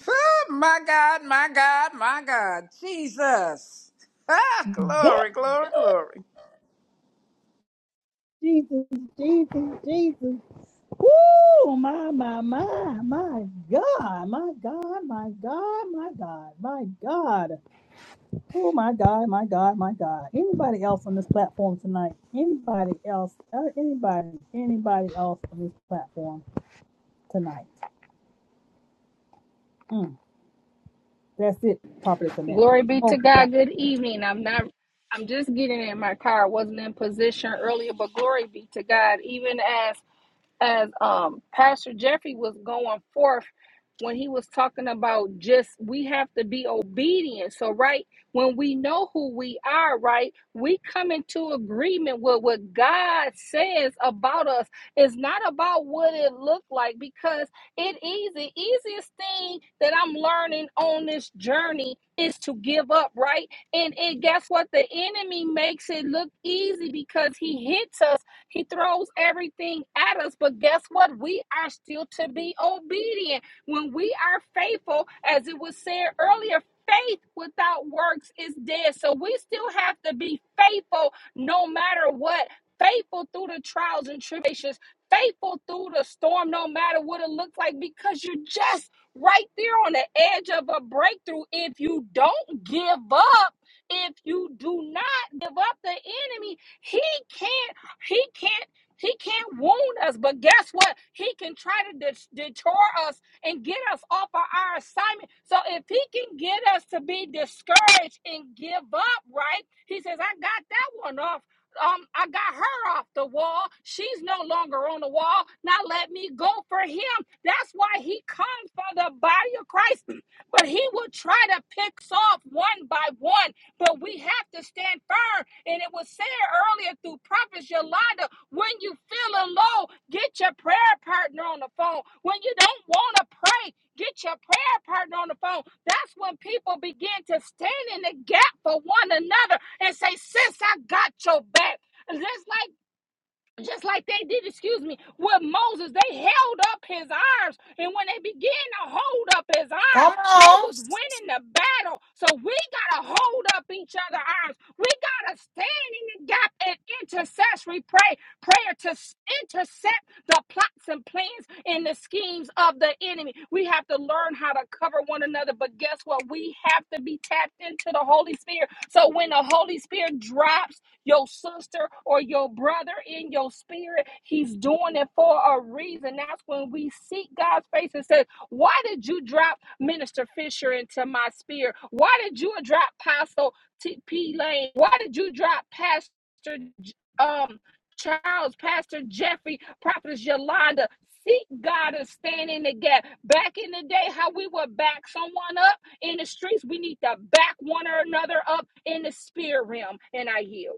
Speaker 5: Oh, my God, my God, my God. Jesus. Ah,
Speaker 1: God.
Speaker 5: glory, glory, glory.
Speaker 1: Jesus, Jesus, Jesus. Woo! My, my, my, my God, my God, my God, my God, my God. Oh, my God, my God, my God. Anybody else on this platform tonight? Anybody else? Uh, Anybody, anybody else on this platform tonight? Mm, that's it, Prophet Connect.
Speaker 6: Glory be to
Speaker 1: Override.
Speaker 6: God. Good evening. I'm not I'm just getting in my car. I wasn't in position earlier, but glory be to God. Even as as um Pastor Jeffrey was going forth when he was talking about just we have to be obedient. So right when we know who we are, right, we come into agreement with what God says about us. It's not about what it looked like because it is the easiest thing that I'm learning on this journey is to give up, right? And and guess what? The enemy makes it look easy because he hits us he throws everything at us, but guess what? We are still to be obedient. When we are faithful, as it was said earlier, faith without works is dead. So we still have to be faithful no matter what. Faithful through the trials and tribulations, faithful through the storm, no matter what it looks like, because you're just right there on the edge of a breakthrough. If you don't give up, if you do not give up the enemy, he can not he can't. He can't wound us, but guess what? He can try to de- detour us and get us off of our assignment. So if he can get us to be discouraged and give up, right? He says, "I got that one off. Um, I got her off the wall. She's no longer on the wall. Now let me go for him." That's why he comes for the body of Christ. But he will try to pick off one by one. But we have to stand firm. And it was said earlier through Prophet Yolanda when you feeling low, get your prayer partner on the phone. When you don't want to pray, get your prayer partner on the phone. That's when people begin to stand in the gap for one another and say, Sis, I got your back. Just like just like they did, excuse me, with Moses. They held up his arms. And when they began to hold up his
Speaker 4: Come
Speaker 6: arms, they
Speaker 4: on.
Speaker 6: was winning the battle. So we gotta hold up each other's arms. We gotta stand in the gap and intercessory pray, prayer to s- intercept the plots and plans and the schemes of the enemy. We have to learn how to cover one another. But guess what? We have to be tapped into the Holy Spirit. So when the Holy Spirit drops your sister or your brother in your spirit. He's doing it for a reason. That's when we seek God's face and say, Why did you drop Minister Fisher into my spirit? Why did you drop Pastor T- P. Lane? Why did you drop Pastor J- um, Charles, Pastor Jeffrey, Prophetess Yolanda? Seek God and stand in the gap. Back in the day, how we would back someone up in the streets, we need to back one another up in the spirit realm. And I yield.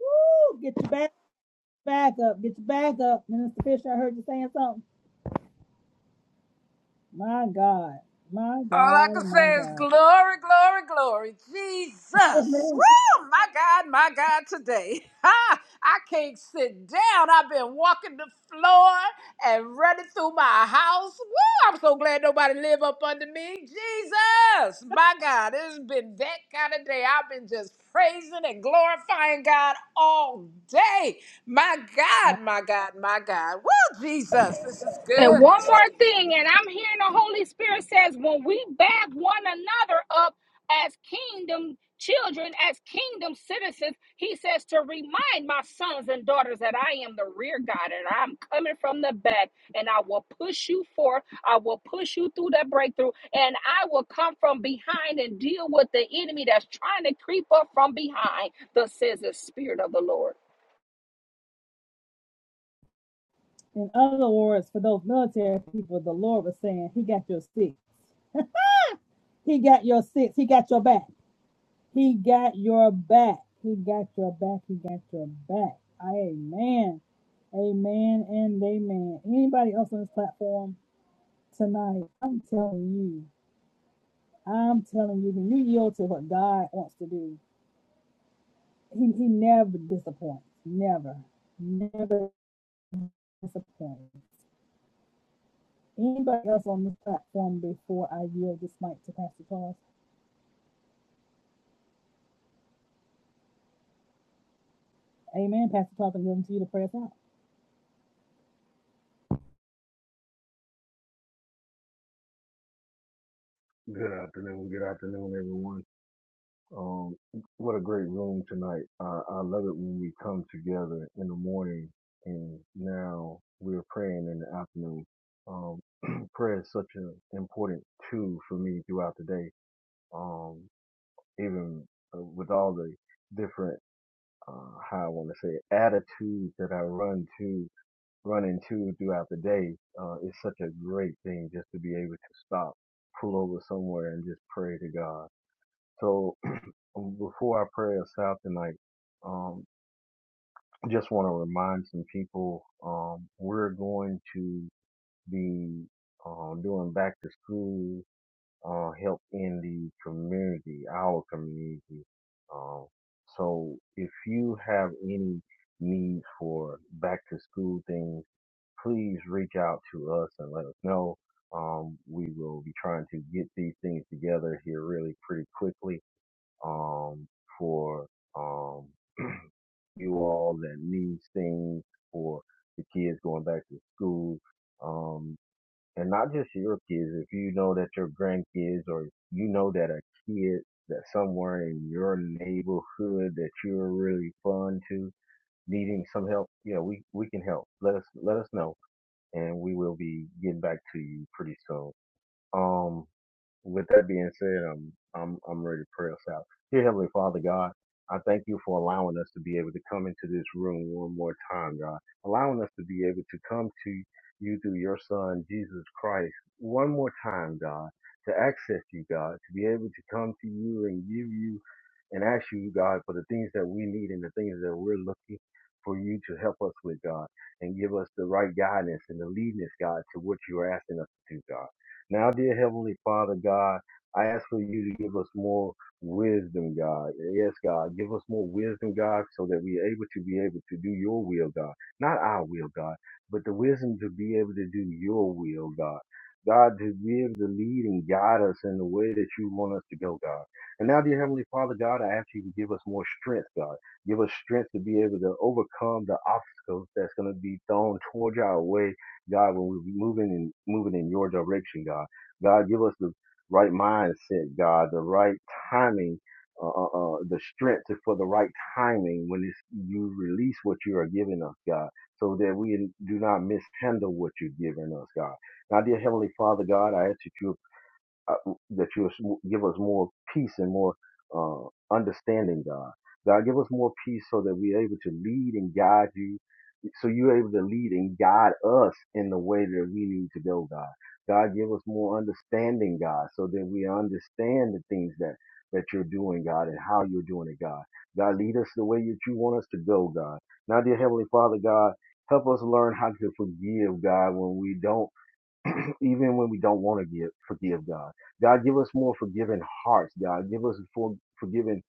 Speaker 1: Woo! Get your back, back up. Get your back up. Minister Fisher, I heard you saying something. My God, my
Speaker 5: All I
Speaker 1: God,
Speaker 5: can
Speaker 1: and my
Speaker 5: say is
Speaker 1: God.
Speaker 5: glory, glory, glory. Jesus.
Speaker 1: Amen.
Speaker 5: Woo! My God, my God, today. Ha! I can't sit down. I've been walking the floor and running through my house. Woo! I'm so glad nobody live up under me. Jesus. My God, it's been that kind of day. I've been just praising and glorifying God all day. My God, my God, my God. Woo, Jesus. This is
Speaker 6: And
Speaker 5: good.
Speaker 6: one more thing, and I'm hearing the Holy Spirit says, when we back one another up as kingdom children, as kingdom citizens, he says to remind my sons and daughters that I am the rear guard and I'm coming from the back and I will push you forth. I will push you through that breakthrough and I will come from behind and deal with the enemy that's trying to creep up from behind, thus says the Spirit of the Lord.
Speaker 1: In other words, for those military people, the Lord was saying, He got your six. He got your six. He got your back. He got your back. He got your back. He got your back. Amen. Amen and amen. Anybody else on this platform tonight, I'm telling you, I'm telling you, when you yield to what God wants to do, He, he never disappoints. Never. Never disappoints. Anybody else on this platform before I yield this mic to Pastor Charles? Amen. Pastor Charles, I'm yielding to you to pray us out.
Speaker 8: Good afternoon. Good afternoon, everyone. Um, what a great room tonight. I, I love it when we come together in the morning and now we're praying in the afternoon. Um, prayer is such an important tool for me throughout the day. Um, even uh, with all the different, uh, how I want to say it, attitudes that I run to run into throughout the day, uh, it's such a great thing just to be able to stop, pull over somewhere, and just pray to God. So before I pray us out tonight, um, just want to remind some people um, we're going to be um, doing back to school uh, help in the community, our community. Um, so if you have any need for back to school things, please reach out to us and let us know. Um, we will be trying to get these things together here really pretty quickly um, for um, you all that needs things for the kids going back to school. Um, and not just your kids, if you know that your grandkids or you know that a kid that somewhere in your neighborhood that you're really fun to needing some help, yeah, we, we can help. Let us let us know and we will be getting back to you pretty soon. Um, with that being said, um, I'm I'm ready to pray us out. Dear Heavenly Father God, I thank you for allowing us to be able to come into this room one more time, God. Allowing us to be able to come to you through your Son Jesus Christ one more time, God, to access you, God, to be able to come to you and give you and ask you, God, for the things that we need and the things that we're looking for you to help us with, God, and give us the right guidance and the leadness, God, to what you're asking us to do, God. Now, dear Heavenly Father, God, I ask for you to give us more wisdom, God. Yes, God, give us more wisdom, God, so that we are able to be able to do your will, God. Not our will, God, but the wisdom to be able to do your will, God. God, to be able to lead and guide us in the way that you want us to go, God. And now, dear Heavenly Father, God, I ask you to give us more strength, God. Give us strength to be able to overcome the obstacles that's going to be thrown towards our way God, when we're moving and moving in your direction, God, God, give us the right mindset, God, the right timing, uh, uh, uh, the strength to- for the right timing when it's, you release what you are giving us, God, so that we do not mishandle what you're giving us, God. Now, dear Heavenly Father, God, I ask that you uh, that you will give us more peace and more uh, understanding, God. God, give us more peace so that we're able to lead and guide you, so you're able to lead and guide us in the way that we need to go, God. God, give us more understanding, God, so that we understand the things that that you're doing, God, and how you're doing it, God. God, lead us the way that you want us to go, God. Now, dear Heavenly Father, God, help us learn how to forgive, God, when we don't even when we don't want to give, forgive God. God, give us more forgiving hearts, God. Give us for, forgiving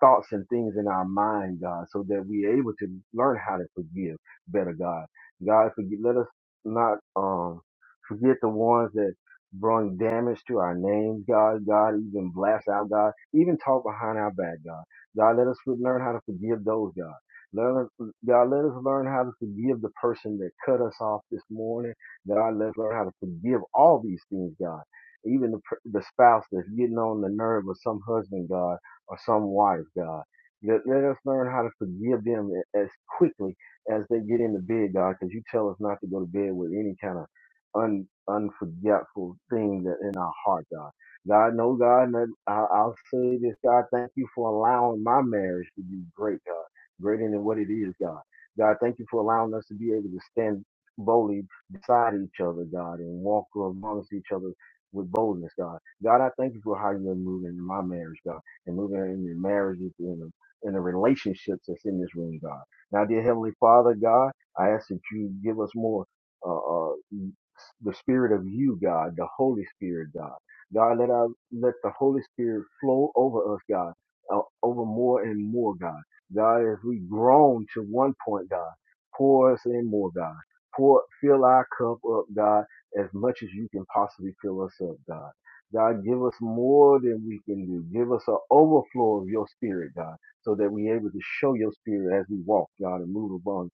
Speaker 8: thoughts and things in our mind, God, so that we're able to learn how to forgive better, God. God, forgive, let us not um, forget the ones that bring damage to our names, God. God, even blast out, God. Even talk behind our back, God. God, let us learn how to forgive those, God. Let us, God, let us learn how to forgive the person that cut us off this morning God, let's learn how to forgive all these things, God. Even the, the spouse that's getting on the nerve of some husband, God, or some wife, God. Let, let us learn how to forgive them as quickly as they get into bed, God, because you tell us not to go to bed with any kind of un, unforgetful thing that in our heart, God. God, no, God, and that- I, I'll say this, God, thank you for allowing my marriage to be great, God, greater than what it is, God. God, thank you for allowing us to be able to stand boldly beside each other, God, and walk amongst each other with boldness, God. God, I thank you for how you're moving in my marriage, God, and moving in the marriages and the, and the relationships that's in this room, God. Now, dear Heavenly Father, God, I ask that you give us more uh, uh, the Spirit of you, God, the Holy Spirit, God. God, let our, let the Holy Spirit flow over us, God, uh, over more and more, God. God, as we groan to one point, God, pour us in more, God. Pour, fill our cup up, God, as much as you can possibly fill us up, God. God, give us more than we can do. Give us an overflow of your spirit, God, so that we're able to show your spirit as we walk, God, and move upon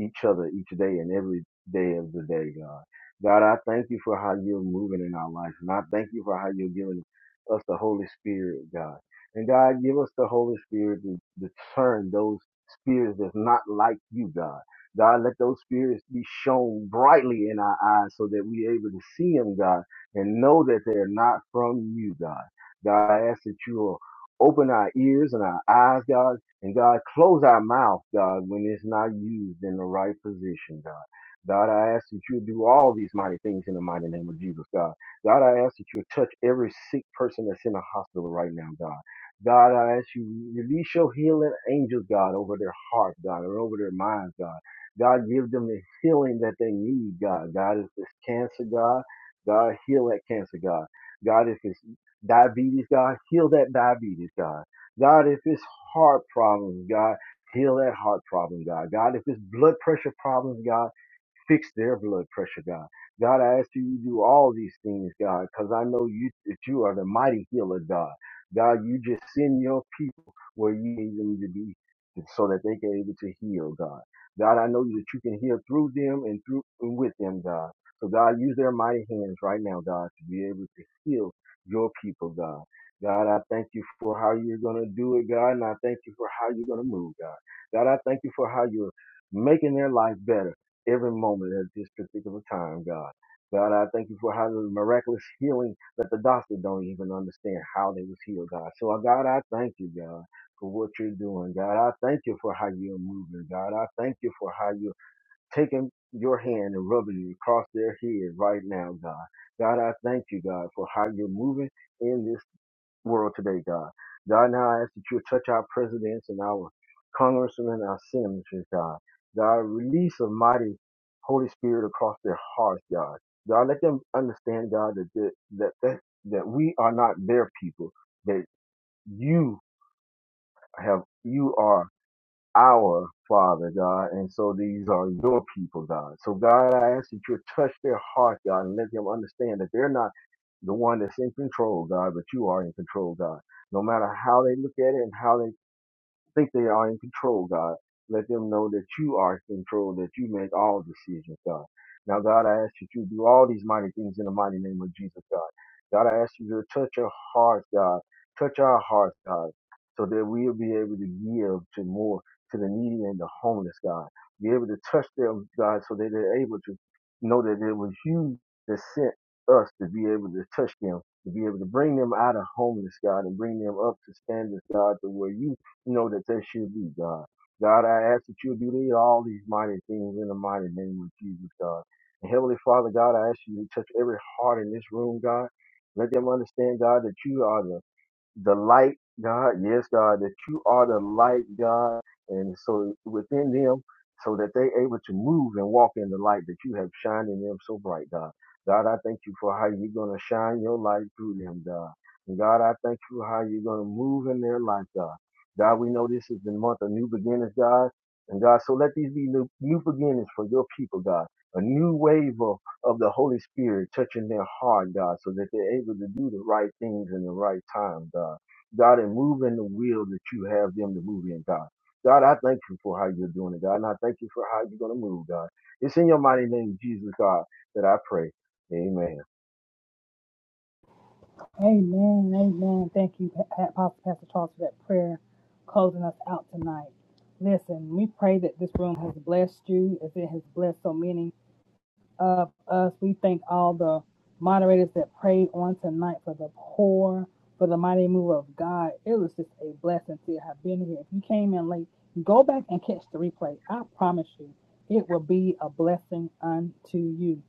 Speaker 8: each other each day and every day of the day, God. God, I thank you for how you're moving in our life. And I thank you for how you're giving us the Holy Spirit, God. And God, give us the Holy Spirit to discern those spirits that's not like you, God. God, let those spirits be shown brightly in our eyes so that we're able to see them, God, and know that they're not from you, God. God, I ask that you will open our ears and our eyes, God and God, close our mouth, God, when it's not used in the right position, God. God, I ask that you do all these mighty things in the mighty name of Jesus, God. God, I ask that you touch every sick person that's in the hospital right now, God. God, I ask you release your healing angels, God, over their heart, God, or over their minds, God. God, give them the healing that they need, God. God, if it's cancer, God, God, heal that cancer, God. God, if it's diabetes, God, heal that diabetes, God. God, if it's heart problems, God, heal that heart problem, God. God, if it's blood pressure problems, God. Fix their blood pressure, God. God, I ask you to do all these things, God, because I know you that you are the mighty healer, God. God, you just send your people where you need them to be so that they can able to heal, God. God, I know that you can heal through them and through and with them, God. So God, use their mighty hands right now, God, to be able to heal your people, God. God, I thank you for how you're gonna do it, God, and I thank you for how you're gonna move, God. God, I thank you for how you're making their life better every moment at this particular time, God. God, I thank you for how the miraculous healing that the doctor don't even understand how they was healed, God. So, uh, God, I thank you, God, for what you're doing. God, I thank you for how you're moving. God, I thank you for how you're taking your hand and rubbing it across their head right now, God. God, I thank you, God, for how you're moving in this world today, God. God, now I ask that you touch our presidents and our congressmen and our senators, God. God, release a mighty Holy Spirit across their hearts, God. God, let them understand, God, that that that, that, that we are not their people, that you have you are our Father God, and so these are your people, God. So God, I ask that you touch their heart, God, and let them understand that they're not the one that's in control, God, but you are in control, God. No matter how they look at it and how they think they are in control, God. Let them know that you are in control, that you make all decisions, God. Now, God, I ask that you do all these mighty things in the mighty name of Jesus, God. God, I ask you to touch our hearts, God. Touch our hearts, God, so that we'll be able to give to more, to the needy and the homeless, God. Be able to touch them, God, so that they're able to know that it was you that sent us to be able to touch them to be able to bring them out of homeless, God, and bring them up to standards, God, to where you know that that's should be, God. God, I ask that you do all these mighty things in the mighty name of Jesus, God. And Heavenly Father, God, I ask you to touch every heart in this room, God. Let them understand, God, that you are the the light, God. Yes, God, that you are the light, God. And so within them, so that they're able to move and walk in the light that you have shined in them so bright, God. God, I thank you for how you're going to shine your light through them, God. And God, I thank you for how you're going to move in their life, God. God, we know this is the month of new beginnings, God. And God, so let these be new, new beginnings for your people, God. A new wave of of the Holy Spirit touching their heart, God, so that they're able to do the right things in the right time, God. God, and move in the will that you have them to move in, God. God, I thank you for how you're doing it, God, and I thank you for how you're going to move, God. It's in your mighty name, Jesus, God, that I pray. Amen.
Speaker 1: Amen. Amen. Thank you, Apostle Pastor Charles, for that prayer closing us out tonight. Listen, we pray that this room has blessed you as it has blessed so many of us. We thank all the moderators that prayed on tonight for the poor, for the mighty move of God. It was just a blessing to have been here. If you came in late, go back and catch the replay. I promise you, it will be a blessing unto you.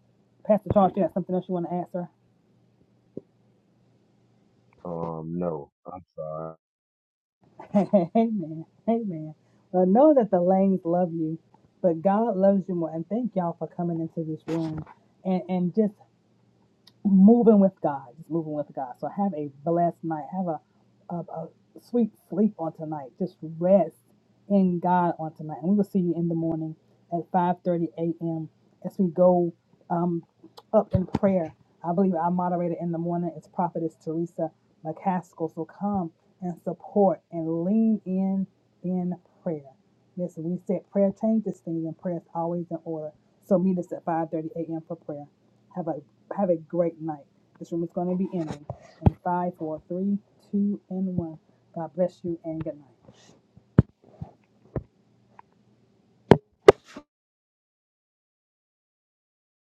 Speaker 1: Pastor Charles, you have something else you want to answer?
Speaker 8: Um, no, I'm sorry.
Speaker 1: Amen. Amen. Well, know that the Lanes love you, but God loves you more. And thank y'all for coming into this room and, and just moving with God, just moving with God. So have a blessed night. Have a, a, a sweet sleep on tonight. Just rest in God on tonight. And we will see you in the morning at 5.30 a.m. as we go um, up in prayer. I believe our moderator in the morning is Prophetess Teresa McCaskill. So come and support and lean in in prayer. Listen, we said prayer changes things and prayer is always in order. So meet us at 5.30 a.m. for prayer. Have a have a great night. This room is going to be ending in five, four, three, two, and one. God bless you and good night.